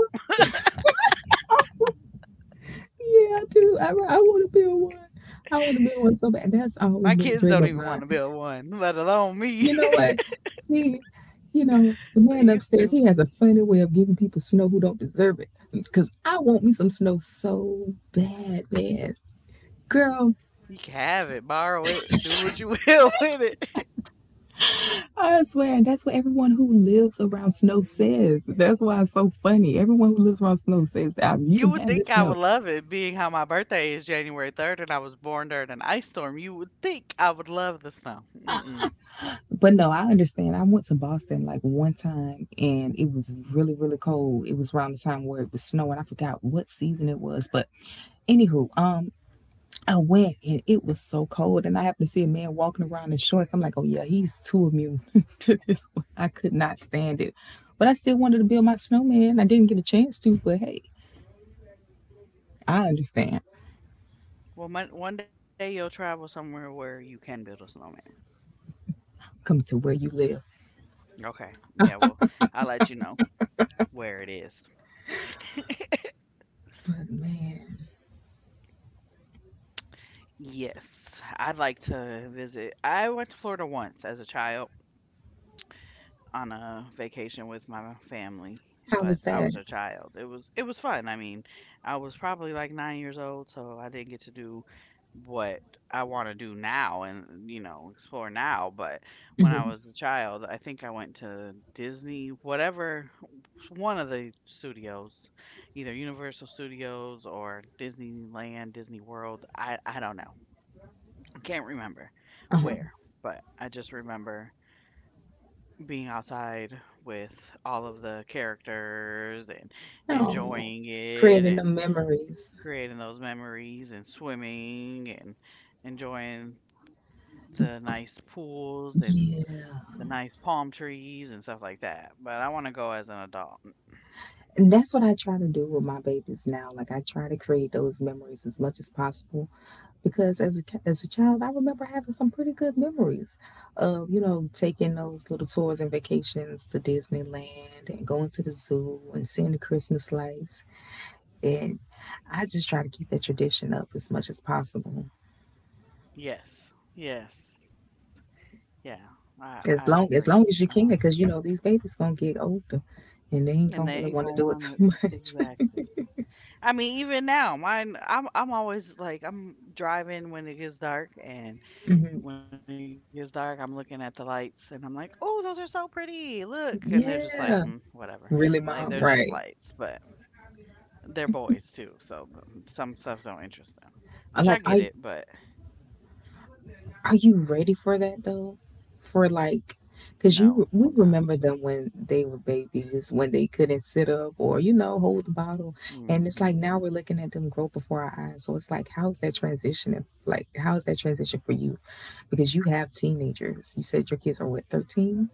Speaker 2: yeah, I do. I, I want to build one. I want to build one so bad. That's always
Speaker 1: My
Speaker 2: been a
Speaker 1: kids
Speaker 2: dream
Speaker 1: don't
Speaker 2: of
Speaker 1: even want
Speaker 2: mine.
Speaker 1: to build one, let alone me.
Speaker 2: You know what? See, you know the
Speaker 1: They
Speaker 2: man
Speaker 1: used
Speaker 2: upstairs.
Speaker 1: to.
Speaker 2: He has a funny way of giving people snow who don't deserve it. Cause I want me some snow so bad, man. Girl,
Speaker 1: You can have it, borrow it, do what you will with it.
Speaker 2: I swear, and that's what everyone who lives around snow says. That's why it's so funny. Everyone who lives around snow says that you
Speaker 1: You
Speaker 2: can
Speaker 1: would
Speaker 2: have
Speaker 1: think
Speaker 2: this
Speaker 1: I would
Speaker 2: snow."
Speaker 1: love it, being how my birthday is January third and I was born during an ice storm. You would think I would love the snow. Mm-mm.
Speaker 2: But no, I understand. I went to Boston like one time and it was really, really cold. It was around the time where it was snowing. I forgot what season it was. But anywho, um, I went and it was so cold. And I happened to see a man walking around in shorts. I'm like, oh yeah, he's too immune to this one. I could not stand it. But I still wanted to build my snowman. I didn't get a chance to, but hey, I understand.
Speaker 1: Well, mon one day you'll travel somewhere where you can build a snowman.
Speaker 2: Come to where you live.
Speaker 1: Okay. Yeah, well, I'll let you know where it is.
Speaker 2: But man,
Speaker 1: Yes, I'd like to visit. I went to Florida once as a child on a vacation with my family,
Speaker 2: how
Speaker 1: but
Speaker 2: was
Speaker 1: I
Speaker 2: that?
Speaker 1: was a child. It was it was fun. I mean, I was probably like nine years old, so I didn't get to do what I want to do now and, you know, explore now, but when I
Speaker 2: Hmm.
Speaker 1: was a child, I think I went to Disney, whatever one of the studios, either Universal Studios or Disneyland, Disney World. I I don't know. I can't remember
Speaker 2: Uh-huh.
Speaker 1: where, but I just remember being outside with all of the characters and
Speaker 2: Oh,
Speaker 1: enjoying it
Speaker 2: creating the
Speaker 1: and
Speaker 2: memories.
Speaker 1: creating those memories and swimming and enjoying the nice pools and
Speaker 2: Yeah.
Speaker 1: the nice palm trees and stuff like that. But I want to go as an adult.
Speaker 2: And that's what I try to do with my babies now. Like I try to create those memories as much as possible, because as a as a child, I remember having some pretty good memories of you know taking those little tours and vacations to Disneyland and going to the zoo and seeing the Christmas lights. And I just try to keep that tradition up as much as possible,
Speaker 1: Yes. Yes. Yeah. I I
Speaker 2: as long
Speaker 1: agree.
Speaker 2: as long as you
Speaker 1: Um
Speaker 2: can, because you know these babies gonna get older, and they ain't
Speaker 1: and
Speaker 2: gonna
Speaker 1: they
Speaker 2: really
Speaker 1: ain't
Speaker 2: want to
Speaker 1: go
Speaker 2: do it too
Speaker 1: on,
Speaker 2: much.
Speaker 1: exactly. I mean, even now, mine. I'm I'm always like I'm driving when it gets dark, and
Speaker 2: Mhm.
Speaker 1: when it gets dark, I'm looking at the lights and I'm like, "Oh, those are so pretty. Look." And they're just like, "Mm,
Speaker 2: Yeah,
Speaker 1: whatever." Like they're
Speaker 2: really,
Speaker 1: just
Speaker 2: mom,
Speaker 1: lights,
Speaker 2: right.
Speaker 1: but they're boys too, so th- some stuff don't interest them. Which I
Speaker 2: I
Speaker 1: get
Speaker 2: like,
Speaker 1: it,
Speaker 2: are
Speaker 1: but
Speaker 2: Are you ready for that though? For like, cause
Speaker 1: no,
Speaker 2: you
Speaker 1: I'm
Speaker 2: we
Speaker 1: not.
Speaker 2: remember them when they were babies, when they couldn't sit up or you know hold the bottle, and
Speaker 1: Hmm.
Speaker 2: it's like now we're looking at them grow before our eyes. So it's like, how's that transition? Like, how's that transition for you? Because you have teenagers. You said your kids are what, thirteen?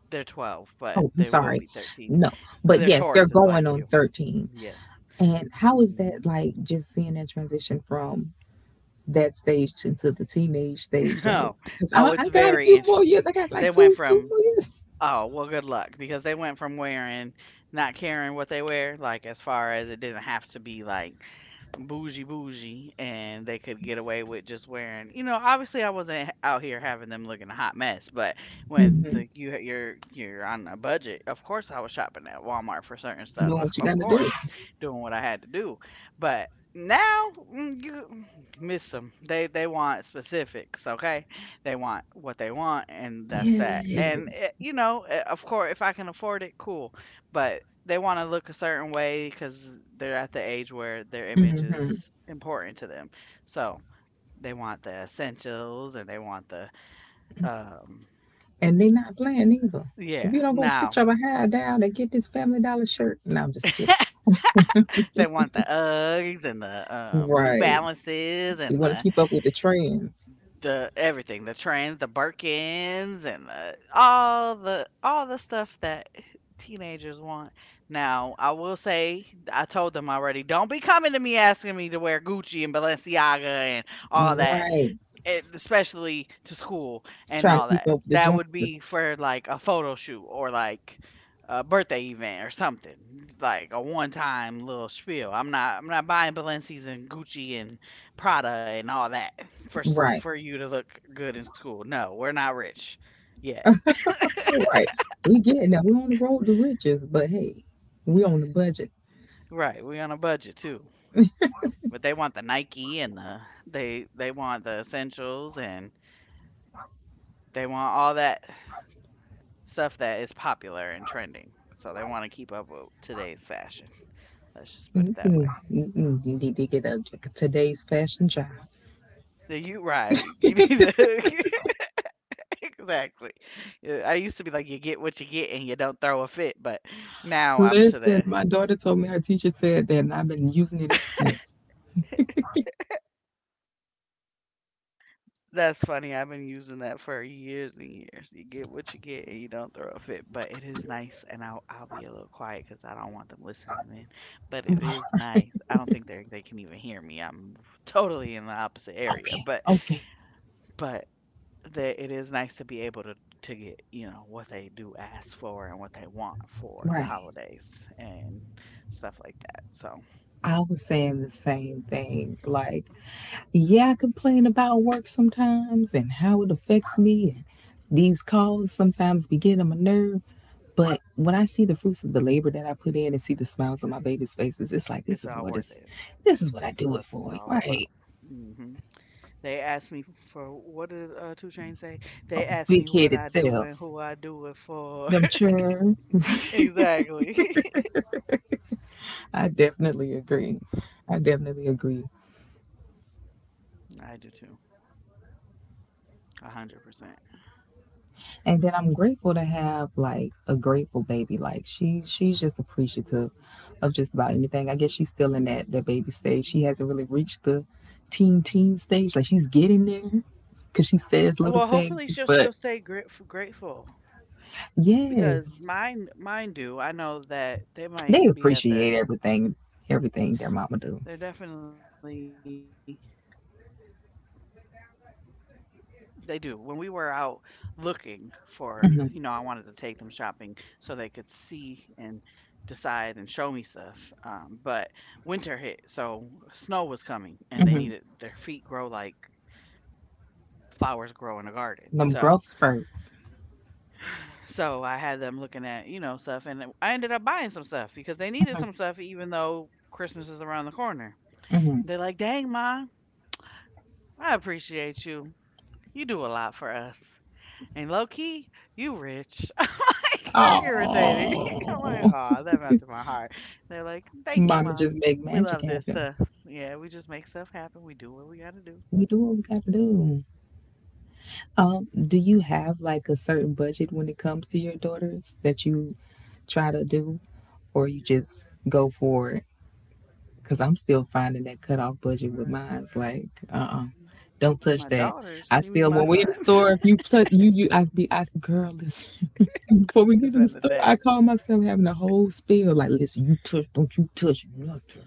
Speaker 1: They're twelve, but
Speaker 2: Oh,
Speaker 1: they
Speaker 2: I'm
Speaker 1: will be
Speaker 2: sorry,
Speaker 1: thirteen.
Speaker 2: no,
Speaker 1: They're
Speaker 2: but yes, they're
Speaker 1: Tauruses like
Speaker 2: going
Speaker 1: you.
Speaker 2: on thirteen.
Speaker 1: Yes.
Speaker 2: And how is that
Speaker 1: Mhm.
Speaker 2: like? Just seeing that transition from that stage into the teenage stage, like,
Speaker 1: Oh,
Speaker 2: because
Speaker 1: oh,
Speaker 2: I,
Speaker 1: it's
Speaker 2: I got a
Speaker 1: very
Speaker 2: few more years.
Speaker 1: interesting.
Speaker 2: I got like
Speaker 1: They went
Speaker 2: two, two
Speaker 1: from
Speaker 2: more years.
Speaker 1: Oh, well, good luck because they went from wearing not caring what they wear, like as far as it didn't have to be like bougie bougie and they could get away with just wearing, you know, obviously i wasn't h- out here having them looking a hot mess, but when
Speaker 2: Hmm.
Speaker 1: the, you you're you're on a budget, of course I was shopping at Walmart for certain stuff,
Speaker 2: Know
Speaker 1: of
Speaker 2: what you
Speaker 1: of
Speaker 2: got to
Speaker 1: course
Speaker 2: do.
Speaker 1: doing what I had to do. But now mm, you mm, miss them. They they want specifics, okay? They want what they want, and that's that. And eh,
Speaker 2: Yes.
Speaker 1: you know, eh, of course, if I can afford it, cool. But they want to look a certain way because they're at the age where their image is
Speaker 2: Hmm.
Speaker 1: important to them. So they want the essentials, and they want the um.
Speaker 2: And they not playing either. If
Speaker 1: Yeah.
Speaker 2: you don't go sit
Speaker 1: Now
Speaker 2: your behind down and get this Family Dollar shirt. No, I'm just kidding.
Speaker 1: they want the Uggs and the um, New
Speaker 2: Right.
Speaker 1: Balances and
Speaker 2: You
Speaker 1: the
Speaker 2: want to keep up with the trends.
Speaker 1: The everything, the trends, the Birkins, and the, all the all the stuff that teenagers want. Now, I will say, I told them already, don't be coming to me asking me to wear Gucci and Balenciaga and all that,
Speaker 2: Right.
Speaker 1: e- especially to school and
Speaker 2: Trying to
Speaker 1: all
Speaker 2: keep
Speaker 1: that.
Speaker 2: up with the
Speaker 1: That would be
Speaker 2: Joneses.
Speaker 1: for like a photo shoot or like a birthday event or something, like a one-time little spiel. I'm not I'm not buying Balenci's and Gucci and Prada and all that for s-
Speaker 2: Right.
Speaker 1: for you to look good in school. No, we're not rich yet.
Speaker 2: All right. We getting that. We on the road to riches, but hey, we on the budget.
Speaker 1: Right, we on a budget too. But they want the Nike and the, they they want the essentials and they want all that stuff that is popular and trending, so they wanna keep up with today's fashion. Let's just put it that
Speaker 2: Mm-mm,
Speaker 1: way.
Speaker 2: mm-mm. You need to get a like, today's fashion job.
Speaker 1: Yeah, you right. You need to exactly. Yeah, I used to be like, "You get what you get, and you don't throw a fit," but now I'm to
Speaker 2: Listen,
Speaker 1: the
Speaker 2: my daughter told me her teacher said that, and I've been using it ever since.
Speaker 1: that's funny, I've been using that for years and years. You get what you get, and you don't throw a fit, but it is nice, and I'll I'll be a little quiet because I don't want them listening in, but it is nice. I don't think they they can even hear me, I'm totally in the opposite area,
Speaker 2: Okay,
Speaker 1: but
Speaker 2: okay,
Speaker 1: but that it is nice to be able to to get, you know, what they do ask for and what they want for the
Speaker 2: right.
Speaker 1: holidays and stuff like that. So
Speaker 2: I was saying the same thing. Like, yeah, I complain about work sometimes and how it affects me. And these calls sometimes be getting on my nerve. But when I see the fruits of the labor that I put in and see the smiles on my babies' faces, it's like
Speaker 1: it's
Speaker 2: this is
Speaker 1: all
Speaker 2: what
Speaker 1: worth
Speaker 2: it's,
Speaker 1: it.
Speaker 2: this is what I
Speaker 1: That's
Speaker 2: do
Speaker 1: what
Speaker 2: it
Speaker 1: it's
Speaker 2: for,
Speaker 1: all about.
Speaker 2: right?
Speaker 1: Hmm. They asked me for what did uh, Two Chains say? They asked me
Speaker 2: Big
Speaker 1: what
Speaker 2: headed
Speaker 1: I do and
Speaker 2: selves.
Speaker 1: who I do it for.
Speaker 2: Them sure.
Speaker 1: Exactly.
Speaker 2: I definitely agree. I definitely agree.
Speaker 1: I do too. A hundred percent.
Speaker 2: And then I'm grateful to have like a grateful baby. Like she she's just appreciative of just about anything. I guess she's still in that that baby stage. She hasn't really reached the teen teen stage. Like she's getting there because she says little
Speaker 1: Well,
Speaker 2: things.
Speaker 1: hopefully she'll
Speaker 2: But
Speaker 1: still stay grat- grateful because
Speaker 2: yes,
Speaker 1: mine mine do. I know that they
Speaker 2: they
Speaker 1: might be at
Speaker 2: appreciate
Speaker 1: the.
Speaker 2: everything
Speaker 1: They're
Speaker 2: everything their mama
Speaker 1: definitely
Speaker 2: do.
Speaker 1: they do. When we were out looking for, you know, I wanted to take them shopping so they could see and decide and show me stuff. Um, but winter hit, so snow was coming, and they needed their feet grow like flowers grow in a garden. So,
Speaker 2: Them growth spurts.
Speaker 1: so I had them looking at, you know, stuff, and I ended up buying some stuff because they needed some stuff, even though Christmas is around the corner. They're like, "Dang, ma, I appreciate you. You do a lot for us." And low key, you rich. I'm like, you're irritating. I'm like,
Speaker 2: Oh,
Speaker 1: oh, that melted my heart. They're like, thank you,
Speaker 2: mama
Speaker 1: mom.
Speaker 2: just make
Speaker 1: We
Speaker 2: magic
Speaker 1: love this
Speaker 2: happen.
Speaker 1: stuff. Yeah, we just make stuff happen. We do what we got to do.
Speaker 2: We do what we gotta do. Um, do you have like a certain budget when it comes to your daughters that you try to do, or you just go for it? Cause I'm still finding that cutoff budget with mine. It's like, uh, uh do not touch
Speaker 1: My
Speaker 2: that.
Speaker 1: daughters,
Speaker 2: I
Speaker 1: see me,
Speaker 2: still,
Speaker 1: my
Speaker 2: when we in the
Speaker 1: sons.
Speaker 2: store, if you touch, you, you, I be, I, girl, listen. Before we
Speaker 1: It's
Speaker 2: get in the
Speaker 1: in the
Speaker 2: store,
Speaker 1: day.
Speaker 2: I call myself having a whole spiel. Like, listen, you touch, don't you touch nothing.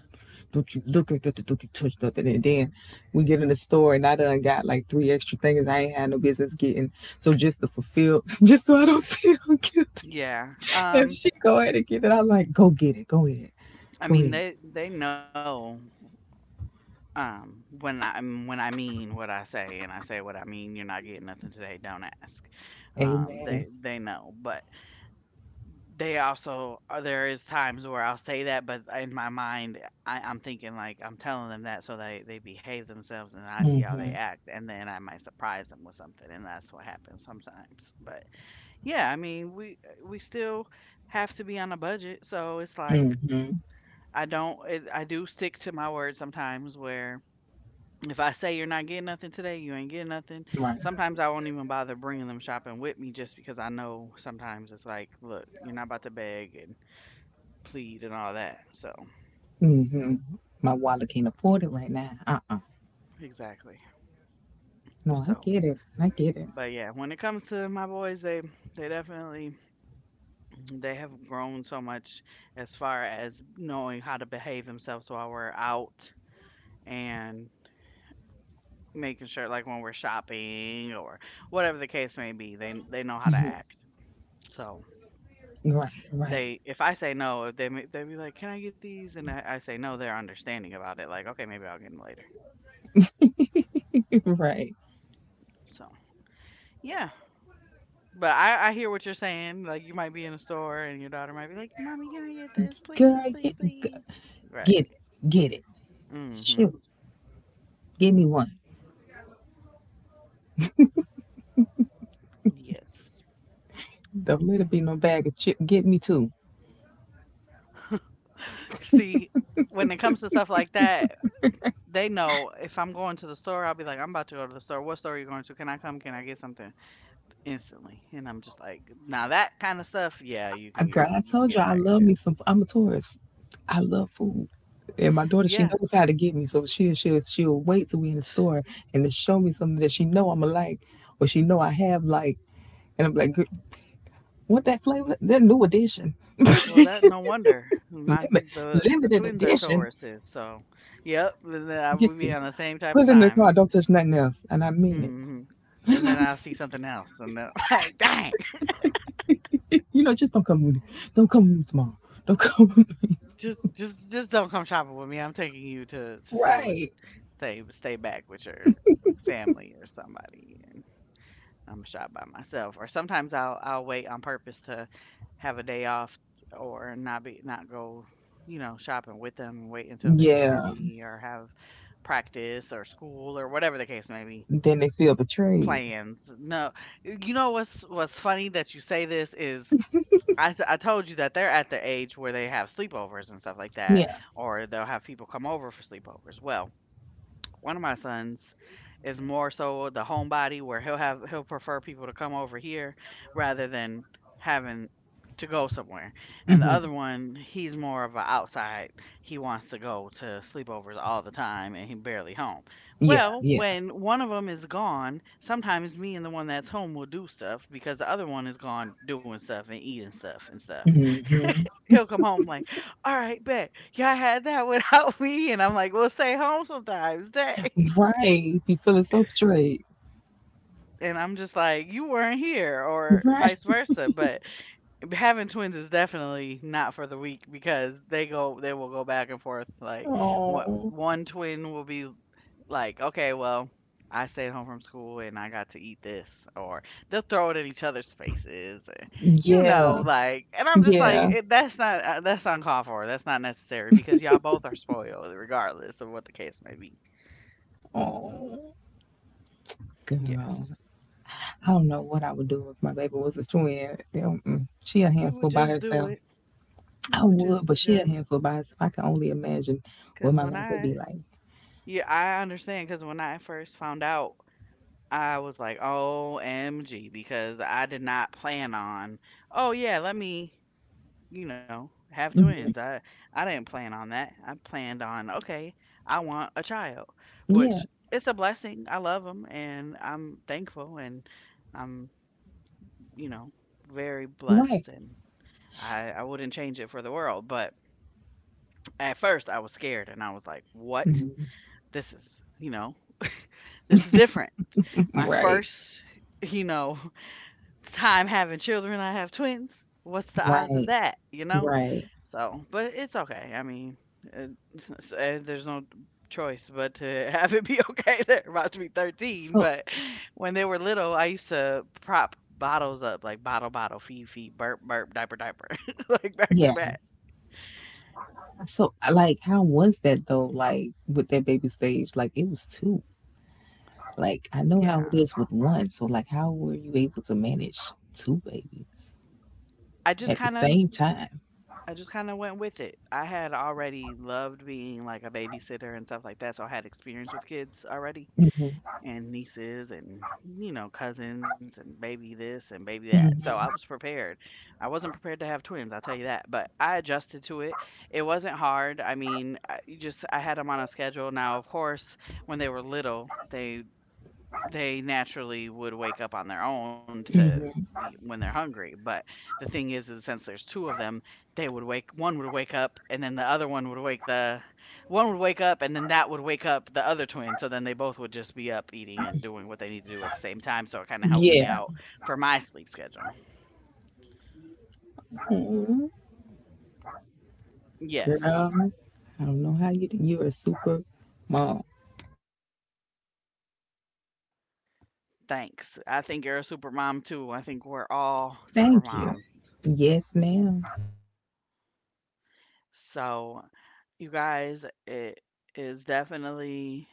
Speaker 2: Don't you look at nothing, don't you touch nothing. And then we get in the store and I done got like three extra things I ain't had no business getting. So just to fulfill, just so I don't feel guilty.
Speaker 1: Yeah.
Speaker 2: If
Speaker 1: Um.
Speaker 2: she go ahead and get it, I'm like, go get it, go ahead,
Speaker 1: I
Speaker 2: go
Speaker 1: mean,
Speaker 2: ahead.
Speaker 1: they they know. Um. When I when I mean what I say and I say what I mean, you're not getting nothing today. Don't ask. Um. They
Speaker 2: Amen.
Speaker 1: they know, but they also uh, there is times where I'll say that, but in my mind, I, I'm thinking like I'm telling them that so they they behave themselves, and I see how they act, and then I might surprise them with something, and that's what happens sometimes. But yeah, I mean, we uh, we still have to be on a budget, so it's like
Speaker 2: Mm-hmm.
Speaker 1: I don't it, I do stick to my word sometimes where. If I say you're not getting nothing today, you ain't getting nothing.
Speaker 2: Right.
Speaker 1: Sometimes I won't even bother bringing them shopping with me just because I know sometimes it's like, look, you're not about to beg and plead and all that. So
Speaker 2: Mm-hmm. My wallet can't afford it right now. Uh-uh.
Speaker 1: exactly.
Speaker 2: No, I
Speaker 1: So
Speaker 2: get it. I get it.
Speaker 1: but yeah, when it comes to my boys, they they definitely they have grown so much as far as knowing how to behave themselves while we're out and making sure like when we're shopping or whatever the case may be, they they know how to act. So
Speaker 2: Right, right,
Speaker 1: they if I say no, if they may- they be like, "Can I get these?" and I, I say no, they're understanding about it. Like, "Okay, maybe I'll get them later."
Speaker 2: right.
Speaker 1: So, yeah, but I, I hear what you're saying. Like you might be in a store and your daughter might be like, "Mommy, can I get this, please,
Speaker 2: Girl,
Speaker 1: please,
Speaker 2: get
Speaker 1: please?"
Speaker 2: g-
Speaker 1: Right.
Speaker 2: get it. Get it.
Speaker 1: Mm-hmm.
Speaker 2: Shoot. Give me one.
Speaker 1: Yes.
Speaker 2: Don't let it be no bag of chip. Get me two.
Speaker 1: See, when it comes to stuff like that, they know if I'm going to the store, I'll be like, "I'm about to go to the store. What store are you going to? Can I come? Can I get something?" Instantly, and I'm just like, "Now that kind of stuff, yeah, you
Speaker 2: I,
Speaker 1: can get
Speaker 2: girl, I
Speaker 1: you can
Speaker 2: told you
Speaker 1: get a
Speaker 2: I
Speaker 1: bag of
Speaker 2: love me
Speaker 1: chips."
Speaker 2: some I'm a tourist. I love food. And my daughter, she
Speaker 1: Yeah.
Speaker 2: knows how to get me, so she she'll she'll wait till we in the store and to show me something that she know I'ma like or she know I have like. And I'm like, "Gir- What that flavor? That new edition,
Speaker 1: Well, that no wonder my
Speaker 2: limit,
Speaker 1: the the
Speaker 2: limited
Speaker 1: twins are
Speaker 2: edition."
Speaker 1: Tauruses, so yep, we- I would
Speaker 2: Get
Speaker 1: be
Speaker 2: to
Speaker 1: on the same type of
Speaker 2: put it in the car.
Speaker 1: time.
Speaker 2: Don't touch nothing else, and I mean it.
Speaker 1: Mhm, and then I'll see something else, and then like, "Dang,
Speaker 2: You know, just don't come with me. Don't come with me tomorrow. Don't come with me.
Speaker 1: just just just don't come shopping with me. I'm taking you to to stay with
Speaker 2: Right?
Speaker 1: stay stay back with your family or somebody, and I'm gonna shop by myself." Or sometimes I'll I'll wait on purpose to have a day off or not be not go, you know, shopping with them and wait until they're
Speaker 2: Yeah.
Speaker 1: busy or have practice or school or whatever the case may be.
Speaker 2: Then they feel betrayed.
Speaker 1: Plans. No, you know what's what's funny that you say this is I t I told you that they're at the age where they have sleepovers and stuff like that,
Speaker 2: Yeah.
Speaker 1: or they'll have people come over for sleepovers. Well, one of my sons is more so the homebody where he'll have he'll prefer people to come over here rather than having to go somewhere. And the other one, he's more of a outside. He wants to go to sleepovers all the time and he barely home.
Speaker 2: Yeah.
Speaker 1: Well,
Speaker 2: Yeah.
Speaker 1: when one of them is gone, sometimes me and the one that's home will do stuff because the other one is gone doing stuff and eating stuff and stuff.
Speaker 2: Hmm.
Speaker 1: He'll come home like, "Alright, bet. Y'all had that without me," and I'm like, "We'll stay home sometimes, dang."
Speaker 2: Right. Be feeling so betrayed.
Speaker 1: And I'm just like, "You weren't here," or
Speaker 2: Right.
Speaker 1: vice versa, but having twins is definitely not for the weak because they go they will go back and forth, like, what
Speaker 2: Oh.
Speaker 1: one twin will be, like, okay, well, "I stayed home from school and I got to eat this," or they'll throw it in each other's faces, and, you know,
Speaker 2: Yeah.
Speaker 1: like, and I'm just like,
Speaker 2: Yeah.
Speaker 1: it, that's not uh, that's uncalled for. That's not necessary because y'all both are spoiled, regardless of what the case may be.
Speaker 2: Oh. Girl,
Speaker 1: Yes,
Speaker 2: I don't know what I would do if my baby was a twin. They don't- Mm, she a
Speaker 1: you would
Speaker 2: handful by
Speaker 1: just do
Speaker 2: herself.
Speaker 1: it.
Speaker 2: I
Speaker 1: You would just
Speaker 2: would, but she a
Speaker 1: just
Speaker 2: handful by herself. I can only imagine what
Speaker 1: because
Speaker 2: my
Speaker 1: when
Speaker 2: life would
Speaker 1: I
Speaker 2: be like.
Speaker 1: yeah, I understand because when I first found out. I was like, "O M G," because I did not plan on. Oh yeah, let me you know, have twins. I I didn't plan on that. I planned on okay, I want a child,
Speaker 2: Yeah,
Speaker 1: which it's a blessing. I love them, and I'm thankful, and I'm, you know, very blessed,
Speaker 2: right,
Speaker 1: and I I wouldn't change it for the world. But at first, I was scared, and I was like, what? This is, you know, this is different. My
Speaker 2: right,
Speaker 1: first, you know, time having children. I have twins. What's the odds of
Speaker 2: right,
Speaker 1: that? You know.
Speaker 2: right.
Speaker 1: So, but it's okay. I mean, it, it's- it's- uh, there's no choice but to have it be okay. They're about to be thirteen,
Speaker 2: So
Speaker 1: but when they were little, I used to prop bottles up like bottle, bottle, feed, feed, burp, burp, diaper, diaper, like back to
Speaker 2: yeah,
Speaker 1: back.
Speaker 2: so uh, like, how was that though? Like with that baby stage, like it was two. Like I know how
Speaker 1: Yeah.
Speaker 2: it is with one. So like, how were you able to manage two babies
Speaker 1: I just
Speaker 2: at the
Speaker 1: kind of
Speaker 2: same time?
Speaker 1: I just kind of went with it. I had already loved being like a babysitter and stuff like that, so I had experience with kids already,
Speaker 2: Hmm.
Speaker 1: and nieces and, you know, cousins and baby this and baby that. So I was
Speaker 2: Hmm.
Speaker 1: prepared. I wasn't prepared to have twins, I'll tell you that, but I adjusted to it. It wasn't hard. I mean I, you just I had them on a schedule. Now of course when they were little they they naturally would wake up on their own to
Speaker 2: Hmm.
Speaker 1: be when they're hungry. But the thing is, is since there's two of them, they would wake one would wake up and then the other one would wake the one would wake up and then that would wake up the other twin. So then they both would just be up eating and doing what they need to do at the same time. So it kind of helped me
Speaker 2: Yeah,
Speaker 1: out for my sleep schedule.
Speaker 2: mhm,
Speaker 1: Yes.
Speaker 2: girl. I don't know how you. You're a super mom.
Speaker 1: Thanks. I think you're a super mom too. I think we're all super
Speaker 2: Thank you.
Speaker 1: mom.
Speaker 2: Yes, ma'am.
Speaker 1: So, you guys, it is definitely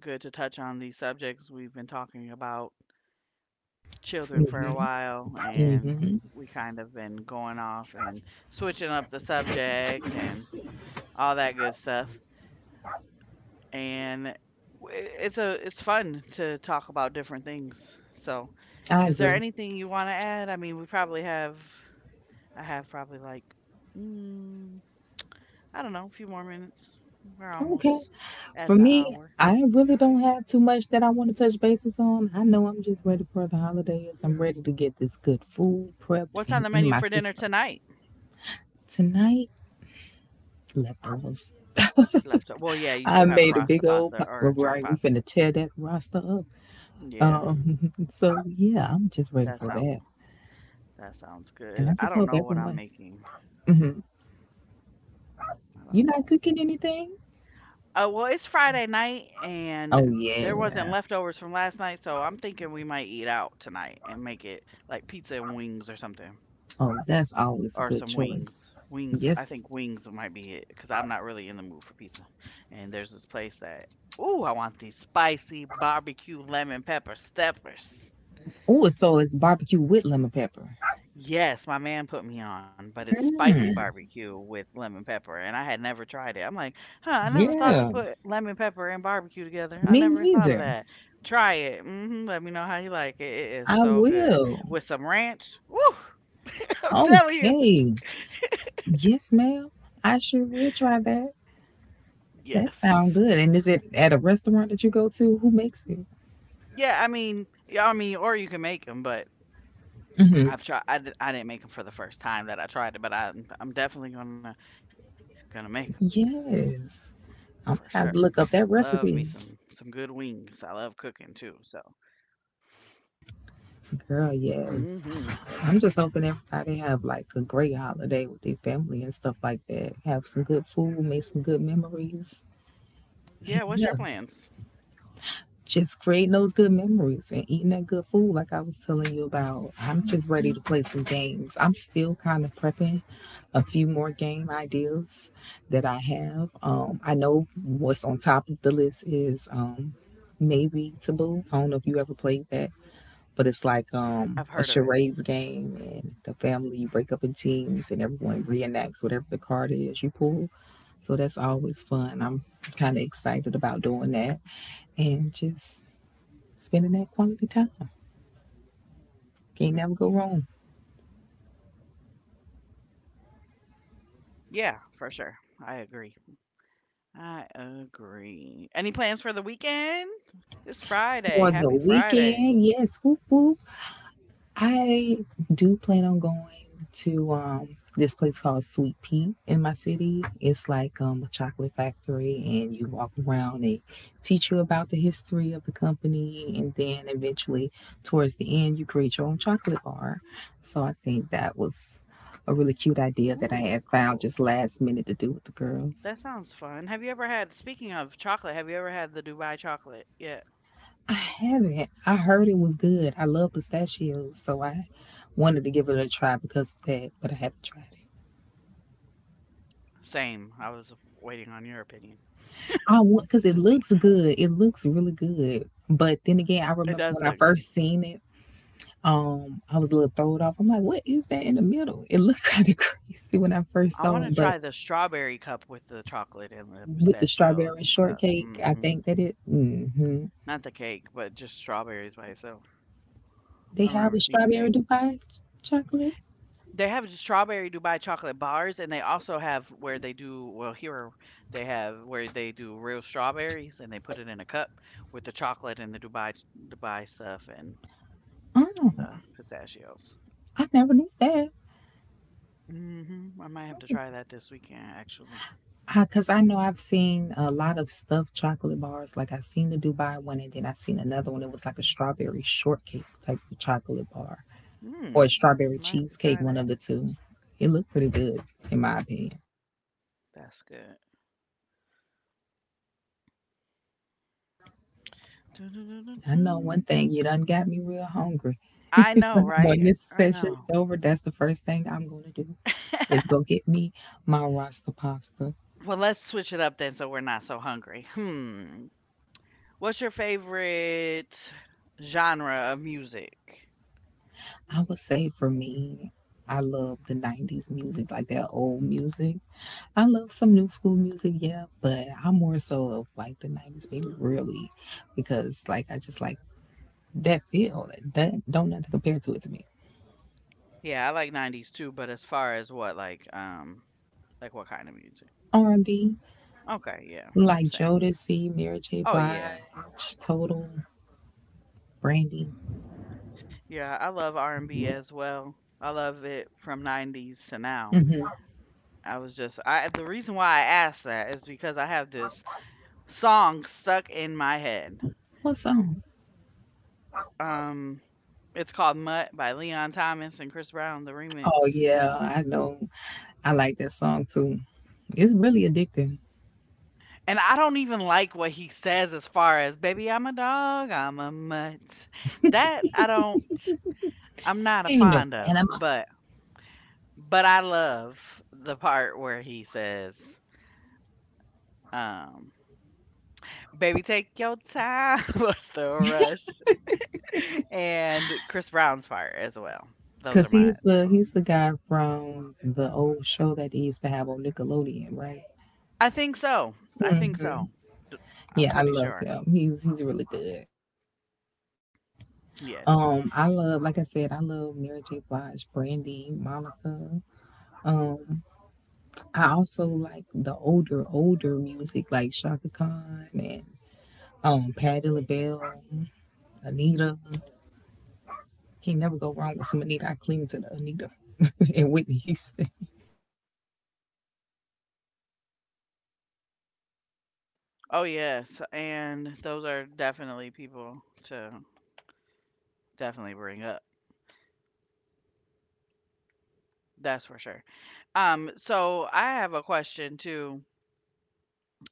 Speaker 1: good to touch on these subjects. We've been talking about children for a while and
Speaker 2: Hmm.
Speaker 1: we kind of been going off and switching up the subject and all that good stuff. And w- it's a it's fun to talk about different things. So,
Speaker 2: I
Speaker 1: is there
Speaker 2: agree.
Speaker 1: anything you want to add? I mean, we probably have I have probably like, mm, I don't know, a few more minutes. We're
Speaker 2: Okay.
Speaker 1: almost
Speaker 2: For
Speaker 1: at the
Speaker 2: me,
Speaker 1: hour.
Speaker 2: I really don't have too much that I want to touch bases on. I know I'm just ready for the holidays. I'm ready to get this good food
Speaker 1: What's on
Speaker 2: prepped
Speaker 1: the
Speaker 2: and
Speaker 1: menu for
Speaker 2: in my
Speaker 1: dinner
Speaker 2: system.
Speaker 1: tonight?
Speaker 2: Tonight, leftovers.
Speaker 1: Left. Well, yeah, you still
Speaker 2: I
Speaker 1: have
Speaker 2: made a
Speaker 1: rasta
Speaker 2: big old
Speaker 1: pasta
Speaker 2: pot.
Speaker 1: or
Speaker 2: well,
Speaker 1: jerk
Speaker 2: Right, we
Speaker 1: pasta.
Speaker 2: finna tear that roster up.
Speaker 1: Yeah,
Speaker 2: Um, so yeah, I'm just ready
Speaker 1: that
Speaker 2: for
Speaker 1: sounds
Speaker 2: that.
Speaker 1: that sounds
Speaker 2: And
Speaker 1: good.
Speaker 2: I
Speaker 1: I
Speaker 2: just
Speaker 1: don't
Speaker 2: hope
Speaker 1: know what I'm
Speaker 2: everyone.
Speaker 1: making.
Speaker 2: Hmm.
Speaker 1: I
Speaker 2: You're
Speaker 1: don't
Speaker 2: not
Speaker 1: know.
Speaker 2: cooking anything?
Speaker 1: Oh well, it's Friday night and
Speaker 2: Oh
Speaker 1: there wasn't
Speaker 2: yeah.
Speaker 1: leftovers from last night, so I'm thinking we might eat out tonight and make it like pizza and wings or something,
Speaker 2: Oh, that's always a
Speaker 1: or
Speaker 2: good
Speaker 1: some wings.
Speaker 2: choice.
Speaker 1: Wings. I
Speaker 2: Yes,
Speaker 1: think wings might be it because I'm not really in the mood for pizza. And there's this place that, ooh, I want these spicy barbecue lemon pepper steppers.
Speaker 2: oh, so it's barbecue with lemon pepper.
Speaker 1: Yes, my man put me on, but it's spicy
Speaker 2: Hmm.
Speaker 1: barbecue with lemon pepper, and I had never tried it. I'm like, "Huh, I never thought to
Speaker 2: Yeah.
Speaker 1: put lemon pepper and barbecue together. I
Speaker 2: Me
Speaker 1: never thought of
Speaker 2: neither.
Speaker 1: that." Try it. Mhm, let me know how you like it. It is
Speaker 2: I
Speaker 1: so good.
Speaker 2: will.
Speaker 1: With some ranch, woo! I'm telling you.
Speaker 2: Okay. Yes, ma'am. I sure will try that. That sounds
Speaker 1: Yes.
Speaker 2: good. And is it at a restaurant that you go to? Who makes it?
Speaker 1: Yeah, I mean yeah, I mean, or you can make them, but I've tried. I, di- I didn't make make them for the first time that I tried it, but I'm I'm definitely gonna gonna make make them for sure. I
Speaker 2: Yes.
Speaker 1: love me some
Speaker 2: I'm
Speaker 1: some
Speaker 2: gonna have to
Speaker 1: good
Speaker 2: look up that
Speaker 1: wings. I love
Speaker 2: recipe.
Speaker 1: cooking too. So. Hmm.
Speaker 2: Girl, yes. I'm just hoping everybody have like a great holiday with their family and stuff like that. Have some good food, make some good memories.
Speaker 1: Yeah. What's your
Speaker 2: Yeah.
Speaker 1: plans?
Speaker 2: Just creating those good memories and eating that good food like I was telling you about. I'm just ready to play some games. I'm still kind of prepping a few more game ideas that I have. um I know what's on top of the list is um maybe Taboo. I don't know if you ever played that, but it's like
Speaker 1: I've
Speaker 2: um
Speaker 1: heard
Speaker 2: a
Speaker 1: of it.
Speaker 2: charades game, and the family, you break up in teams and everyone reenacts whatever the card is you pull. So that's always fun. I'm kind of excited about doing that and just spending that quality time. Can't never go wrong.
Speaker 1: Yeah, for sure. I agree. I agree. Any plans for the weekend? It's Friday.
Speaker 2: For the
Speaker 1: Happy Friday.
Speaker 2: weekend, yes, whoop whoop. I do plan on going to um this place called Sweet Pea in my city. It's like um a chocolate factory, and you walk around, they teach you about the history of the company, and then eventually towards the end you create your own chocolate bar. So I think that was a really cute idea that I
Speaker 1: Ooh,
Speaker 2: had found
Speaker 1: cool.
Speaker 2: just last minute to do with the
Speaker 1: That
Speaker 2: girls.
Speaker 1: sounds fun. Have you ever had? Speaking of chocolate, have you ever had the Dubai chocolate yet?
Speaker 2: Haven't. I heard it was good. I love pistachios, so I wanted to give it a try because of that, but I haven't tried it.
Speaker 1: Same. I was waiting on your opinion to
Speaker 2: I
Speaker 1: see.
Speaker 2: want because it looks good. It looks really good. But then again,
Speaker 1: It
Speaker 2: I
Speaker 1: does
Speaker 2: remember
Speaker 1: look
Speaker 2: when I
Speaker 1: good.
Speaker 2: first seen it, um, I was a little thrown off. I'm like, what is that in the middle? It looked kind of crazy when I first
Speaker 1: I
Speaker 2: saw
Speaker 1: wanna
Speaker 2: it, but
Speaker 1: try the strawberry cup with the chocolate and the
Speaker 2: with the
Speaker 1: pistachios
Speaker 2: strawberry
Speaker 1: and stuff.
Speaker 2: shortcake, I
Speaker 1: Mhm.
Speaker 2: think that it. Hmm.
Speaker 1: Not the cake, but just strawberries by itself.
Speaker 2: They
Speaker 1: I've
Speaker 2: have
Speaker 1: never
Speaker 2: a
Speaker 1: seen the
Speaker 2: strawberry
Speaker 1: cake.
Speaker 2: Dubai chocolate.
Speaker 1: They have strawberry Dubai chocolate bars, and they also have where they do well, here they have where they do real strawberries, and they put it in a cup with the chocolate and the Dubai Dubai stuff and
Speaker 2: Oh,
Speaker 1: the pistachios.
Speaker 2: I never knew that.
Speaker 1: Mhm. I might have to try that this weekend, actually.
Speaker 2: Because I know I've seen a lot of stuffed chocolate bars. Like I seen the Dubai one, and then I seen another one. It was like a strawberry shortcake type of chocolate bar, or a
Speaker 1: Mm,
Speaker 2: strawberry
Speaker 1: might have to try
Speaker 2: cheesecake. One
Speaker 1: that.
Speaker 2: of the two. It looked pretty good, in my opinion.
Speaker 1: That's good.
Speaker 2: I know one
Speaker 1: Dun-dun-dun-dun-dun.
Speaker 2: thing. You done got me real hungry.
Speaker 1: I know, right?
Speaker 2: when this
Speaker 1: I
Speaker 2: session
Speaker 1: know.
Speaker 2: is over, that's the first thing I'm going to do. Is go get me my Rasta pasta.
Speaker 1: Well, let's switch it up then so we're not so hungry. Hmm. What's your favorite genre of music?
Speaker 2: I would say for me, I love the nineties music, like that old music. I love some new school music, yeah, but I'm more so of like the nineties baby, really, because like I just like that feel. That that don't nothing compare to it to me.
Speaker 1: Yeah, I like nineties too, but as far as what like um like what kind of music?
Speaker 2: R and B,
Speaker 1: Okay, yeah.
Speaker 2: like
Speaker 1: Same.
Speaker 2: Jodeci, Mary J.
Speaker 1: Oh yeah.
Speaker 2: Blige, Total, Brandy.
Speaker 1: Yeah, I love R and B as well. I love it from nineties to now.
Speaker 2: Hmm.
Speaker 1: I was just I The reason why I asked that is because I have this song stuck in my head.
Speaker 2: What song?
Speaker 1: Um, it's called Mutt by Leon Thomas and Chris Brown, the
Speaker 2: Oh
Speaker 1: remix.
Speaker 2: yeah, I know. I like that song too. It's really addicting.
Speaker 1: And I don't even like what he says as far as, "Baby, I'm a dog, I'm a mutt." That I don't I'm not a
Speaker 2: Ain't no
Speaker 1: fond of,
Speaker 2: animal.
Speaker 1: but but I love the part where he says, um "Baby, take your time, what's the rush," and Chris Brown's part as well. Those are
Speaker 2: Cause
Speaker 1: my
Speaker 2: he's the he's the guy from the old show that they used to have on Nickelodeon, right?
Speaker 1: I think so. I think
Speaker 2: Hmm.
Speaker 1: so. I'm
Speaker 2: Yeah, I
Speaker 1: pretty
Speaker 2: love
Speaker 1: sure.
Speaker 2: him. He's he's really good.
Speaker 1: Yes.
Speaker 2: Um, I love, like I said, I love Mary J. Blige, Brandy, Monica. Um, I also like the older older music like Shaka Khan and um Patti LaBelle, Anita. Can't never go wrong with some Anita. I cling to the Anita and Whitney Houston.
Speaker 1: Oh yes, and those are definitely people to definitely bring up. That's for sure. Um, so I have a question too,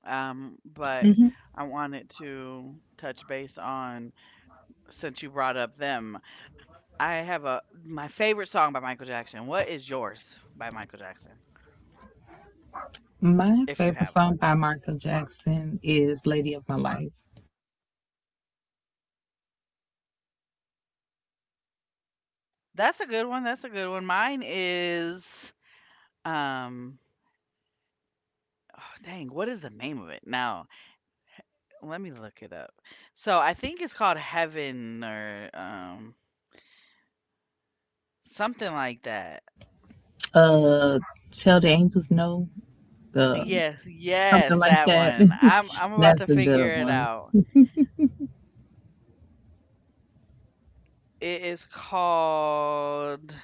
Speaker 1: um, but I wanted to touch base on since you brought up them. I have a My favorite song by Michael Jackson. What is yours by Michael Jackson,
Speaker 2: My
Speaker 1: if you
Speaker 2: favorite
Speaker 1: have
Speaker 2: song
Speaker 1: one?
Speaker 2: by Michael Jackson is Lady of My Life.
Speaker 1: That's a good one. That's a good one. Mine is, um, oh, dang, what is the name of it now? Let me look it up. So I think it's called Heaven or um something like that.
Speaker 2: Uh Tell the Angels No, the
Speaker 1: Yes,
Speaker 2: something
Speaker 1: yes,
Speaker 2: like
Speaker 1: that
Speaker 2: that.
Speaker 1: one. I'm I'm about to
Speaker 2: that's a good
Speaker 1: figure it
Speaker 2: one.
Speaker 1: out. It is called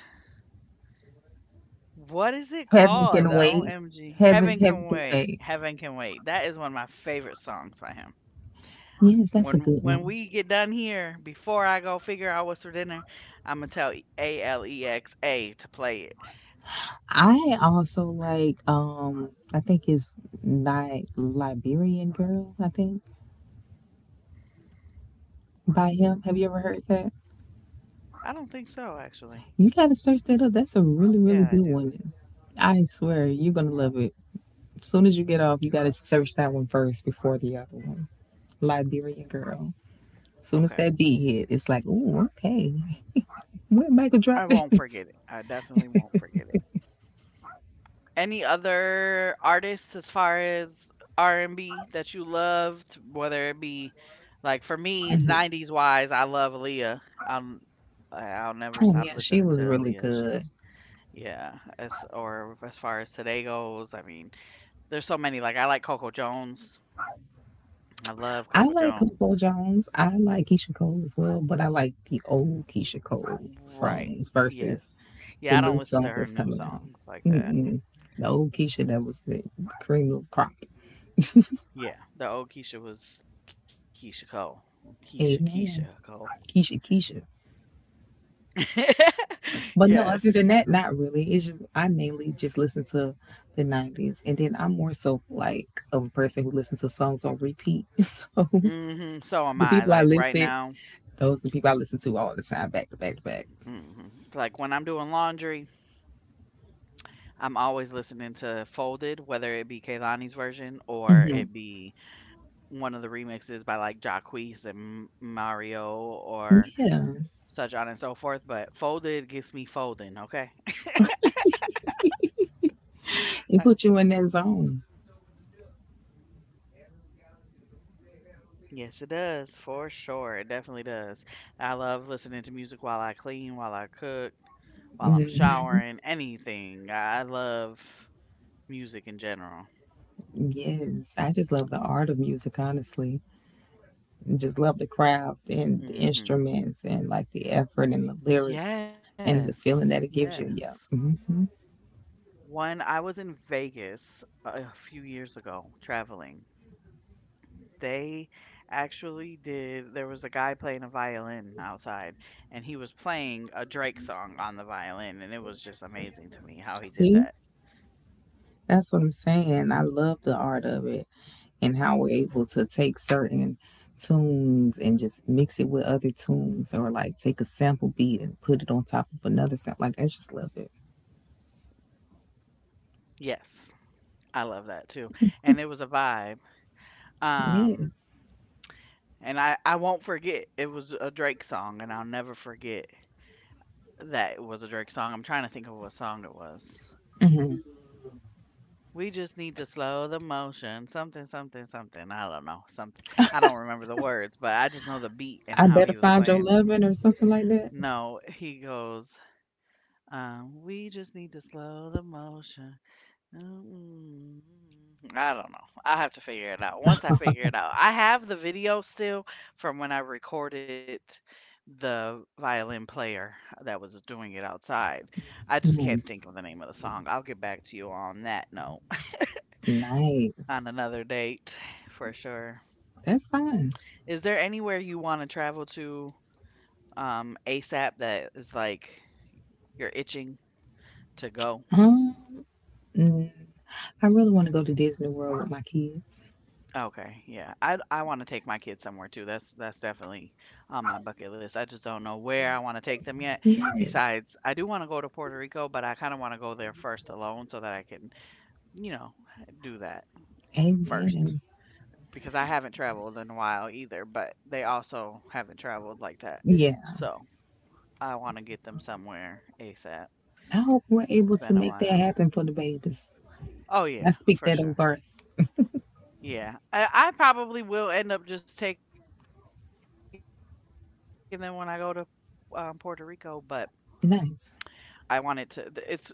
Speaker 1: what is it
Speaker 2: Heaven
Speaker 1: called?
Speaker 2: Can
Speaker 1: The
Speaker 2: Wait.
Speaker 1: O M G.
Speaker 2: Heaven,
Speaker 1: Heaven Can
Speaker 2: Heaven Can
Speaker 1: Wait.
Speaker 2: Wait.
Speaker 1: Heaven Can Wait. That is one of my favorite songs by him.
Speaker 2: Yes, that's a
Speaker 1: When
Speaker 2: good
Speaker 1: when
Speaker 2: one.
Speaker 1: we get done here, before I go figure out what's for dinner, I'm gonna tell A L E X A to play it.
Speaker 2: I also like um I think it's Ni- Liberian Girl, I think, by him. Have you ever heard that?
Speaker 1: I don't think so actually.
Speaker 2: You gotta search that up. That's a really, really
Speaker 1: Yeah, I
Speaker 2: good
Speaker 1: do.
Speaker 2: one. I swear, you're gonna love it. As soon as you get off, you gotta search that one first before the other one. Liberian Girl. As soon as
Speaker 1: Okay.
Speaker 2: that beat hit, it's like, ooh, okay. When Michael
Speaker 1: I
Speaker 2: dropped
Speaker 1: won't
Speaker 2: this?
Speaker 1: forget it. I definitely won't forget it. Any other artists as far as R and B that you loved, whether it be like for me, nineties wise, I love Aaliyah. Um, I- I'll never
Speaker 2: Oh
Speaker 1: stop
Speaker 2: yeah, she
Speaker 1: listening to
Speaker 2: was really
Speaker 1: Aaliyah. She's
Speaker 2: good.
Speaker 1: yeah. As or as far as today goes, I mean, there's so many. Like I like Coco Jones. I love
Speaker 2: I
Speaker 1: Coco
Speaker 2: like
Speaker 1: Jones.
Speaker 2: Coco Jones. I like Keisha Cole as well, but I like the old Keisha Cole
Speaker 1: Right.
Speaker 2: songs
Speaker 1: Yes.
Speaker 2: versus the
Speaker 1: Yeah, I don't
Speaker 2: new
Speaker 1: listen to
Speaker 2: songs
Speaker 1: her
Speaker 2: that's
Speaker 1: new
Speaker 2: coming out.
Speaker 1: songs like that.
Speaker 2: Mm-mm. The old Keisha that was the cream of the crop.
Speaker 1: Yeah, the old Keisha was Keisha Cole. Keisha, Keisha
Speaker 2: Amen.
Speaker 1: Cole.
Speaker 2: Keisha Keisha. But no,
Speaker 1: Yes.
Speaker 2: other than that, not really. It's just I mainly just listen to the nineties, and then I'm more so like a person who listens to songs on repeat. So
Speaker 1: Hmm. So am
Speaker 2: the
Speaker 1: I.
Speaker 2: people I
Speaker 1: Like right
Speaker 2: listed,
Speaker 1: now,
Speaker 2: those are the people I listen to all the time, back to back to back.
Speaker 1: hmm, like when I'm doing laundry, I'm always listening to Folded, whether it be Kaylani's version or
Speaker 2: Hmm.
Speaker 1: it be one of the remixes by like Jacquees and M- Mario or
Speaker 2: Yeah,
Speaker 1: such on and so forth. But Folded gets me folding, okay?
Speaker 2: it
Speaker 1: Right.
Speaker 2: put you in that zone.
Speaker 1: Yes, it does, for sure. It definitely does. I love listening to music while I clean, while I cook, while I'm
Speaker 2: Hmm.
Speaker 1: showering, anything. I I love music in general.
Speaker 2: Yes, I just love the art of music. Honestly, just love the craft and the
Speaker 1: Mhm.
Speaker 2: instruments and like the effort and the lyrics and the
Speaker 1: Yes,
Speaker 2: feeling that it
Speaker 1: yes.
Speaker 2: gives you. Yeah. Hmm.
Speaker 1: When I was in Vegas a a few years ago traveling, they actually did. There was a guy playing a violin outside, and he was playing a Drake song on the violin, and it was just amazing to me how he did
Speaker 2: See.
Speaker 1: that.
Speaker 2: That's what I'm saying. I love the art of it and how we're able to take certain tunes and just mix it with other tunes or like take a sample beat and put it on top of another sound. Like, I just love it.
Speaker 1: Yes, I love that too. And it was a vibe. Um,
Speaker 2: Yes.
Speaker 1: And I I won't forget, it was a Drake song, and I'll never forget that it was a Drake song. I'm trying to think of what song it was. We just need to slow the motion, something, something, something. I don't know, something. I don't remember the words, but I just know the beat and
Speaker 2: I
Speaker 1: how
Speaker 2: better
Speaker 1: he was
Speaker 2: find your
Speaker 1: playing it.
Speaker 2: loving or something like that.
Speaker 1: No, he goes, um, "We just need to slow the motion." Mm, I don't know. I have to figure it out. Once I figure it out, I have the video still from when I recorded the violin player that was doing it outside. I just can't think
Speaker 2: Nice.
Speaker 1: of the name of the song. I'll get back to you on that note
Speaker 2: Nice.
Speaker 1: on another date for sure.
Speaker 2: That's fine.
Speaker 1: Is there anywhere you want to travel to um ASAP that is like you're itching to go?
Speaker 2: Um, mm, I really want to go to Disney World with my kids.
Speaker 1: Okay, yeah. I I wanna take my kids somewhere too. That's that's definitely on my bucket list. I just don't know where I wanna take them yet.
Speaker 2: Yes.
Speaker 1: Besides, I do wanna go to Puerto Rico, but I kinda wanna go there first alone so that I can, you know, do that first.
Speaker 2: Amen.
Speaker 1: Because I haven't traveled in a while either, but they also haven't traveled like that.
Speaker 2: Yeah.
Speaker 1: So I wanna get them somewhere ASAP.
Speaker 2: I hope we're able
Speaker 1: It's
Speaker 2: to
Speaker 1: been a
Speaker 2: make that
Speaker 1: while.
Speaker 2: happen for the babies.
Speaker 1: Oh
Speaker 2: I
Speaker 1: yeah,
Speaker 2: speak
Speaker 1: for
Speaker 2: that
Speaker 1: sure.
Speaker 2: over us.
Speaker 1: Yeah. I, I probably will end up just taking them when I go to um, Puerto Rico, but I wanted to th it's
Speaker 2: Nice.
Speaker 1: it I don't think they would care because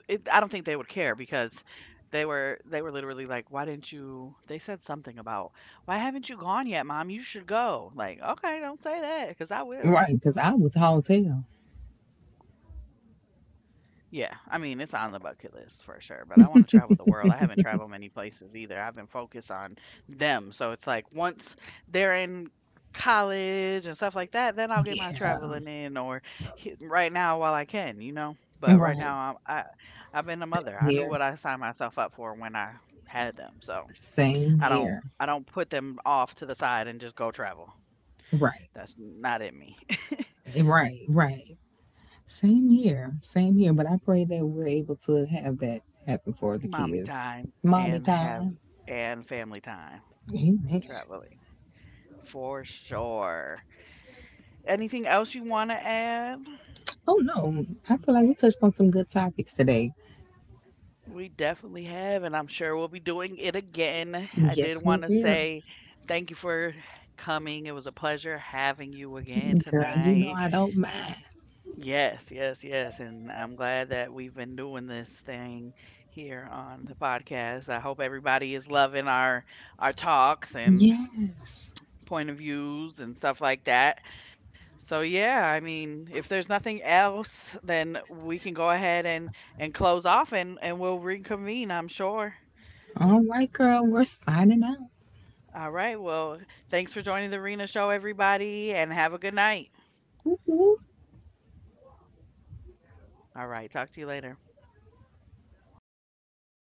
Speaker 1: they were they were literally like, "Why didn't you," they said something about, "Why haven't you gone yet, mom? You should go." Like, "Okay, don't say that because I will."
Speaker 2: Right, because I was tall as hell.
Speaker 1: Yeah, I mean, it's on the bucket list for sure, but I wanna travel the world. I haven't traveled many places either. I've been focused on them, so it's like once they're in college and stuff like that, then I'll get my
Speaker 2: Yeah,
Speaker 1: traveling in, or h right now while I can, you know? But right
Speaker 2: right.
Speaker 1: now, I I I've been a
Speaker 2: Same
Speaker 1: mother. I knew
Speaker 2: here.
Speaker 1: what I signed myself up for when I had them, so
Speaker 2: Same
Speaker 1: I don't,
Speaker 2: here.
Speaker 1: I don't put them off to the side and just go travel.
Speaker 2: Right,
Speaker 1: That's not in me.
Speaker 2: eh, right, right. Same here. Same here. But I pray that we're able to have that happen for the
Speaker 1: Mommy
Speaker 2: kids.
Speaker 1: time
Speaker 2: Mommy
Speaker 1: and have
Speaker 2: time.
Speaker 1: and family time
Speaker 2: Amen.
Speaker 1: traveling. For sure. Anything else you want to add?
Speaker 2: Oh, no. I feel like we touched on some good topics today.
Speaker 1: We definitely have, and I'm sure we'll be doing it again. I did
Speaker 2: Yes,
Speaker 1: want
Speaker 2: we
Speaker 1: to
Speaker 2: will.
Speaker 1: say thank you for coming. It was a pleasure having you again
Speaker 2: Girl, you know
Speaker 1: tonight.
Speaker 2: I don't mind.
Speaker 1: Yes, yes, yes. And I'm glad that we've been doing this thing here on the podcast. I hope everybody is loving our our talks and
Speaker 2: Yes.
Speaker 1: point of views and stuff like that. So yeah, I mean, if there's nothing else, then we can go ahead and and close off, and and we'll reconvene, I'm sure.
Speaker 2: All right, girl. We're signing out.
Speaker 1: All right. Well, thanks for joining the Arena Show everybody and have a good night.
Speaker 2: Woo-hoo.
Speaker 1: All right. Talk to you later.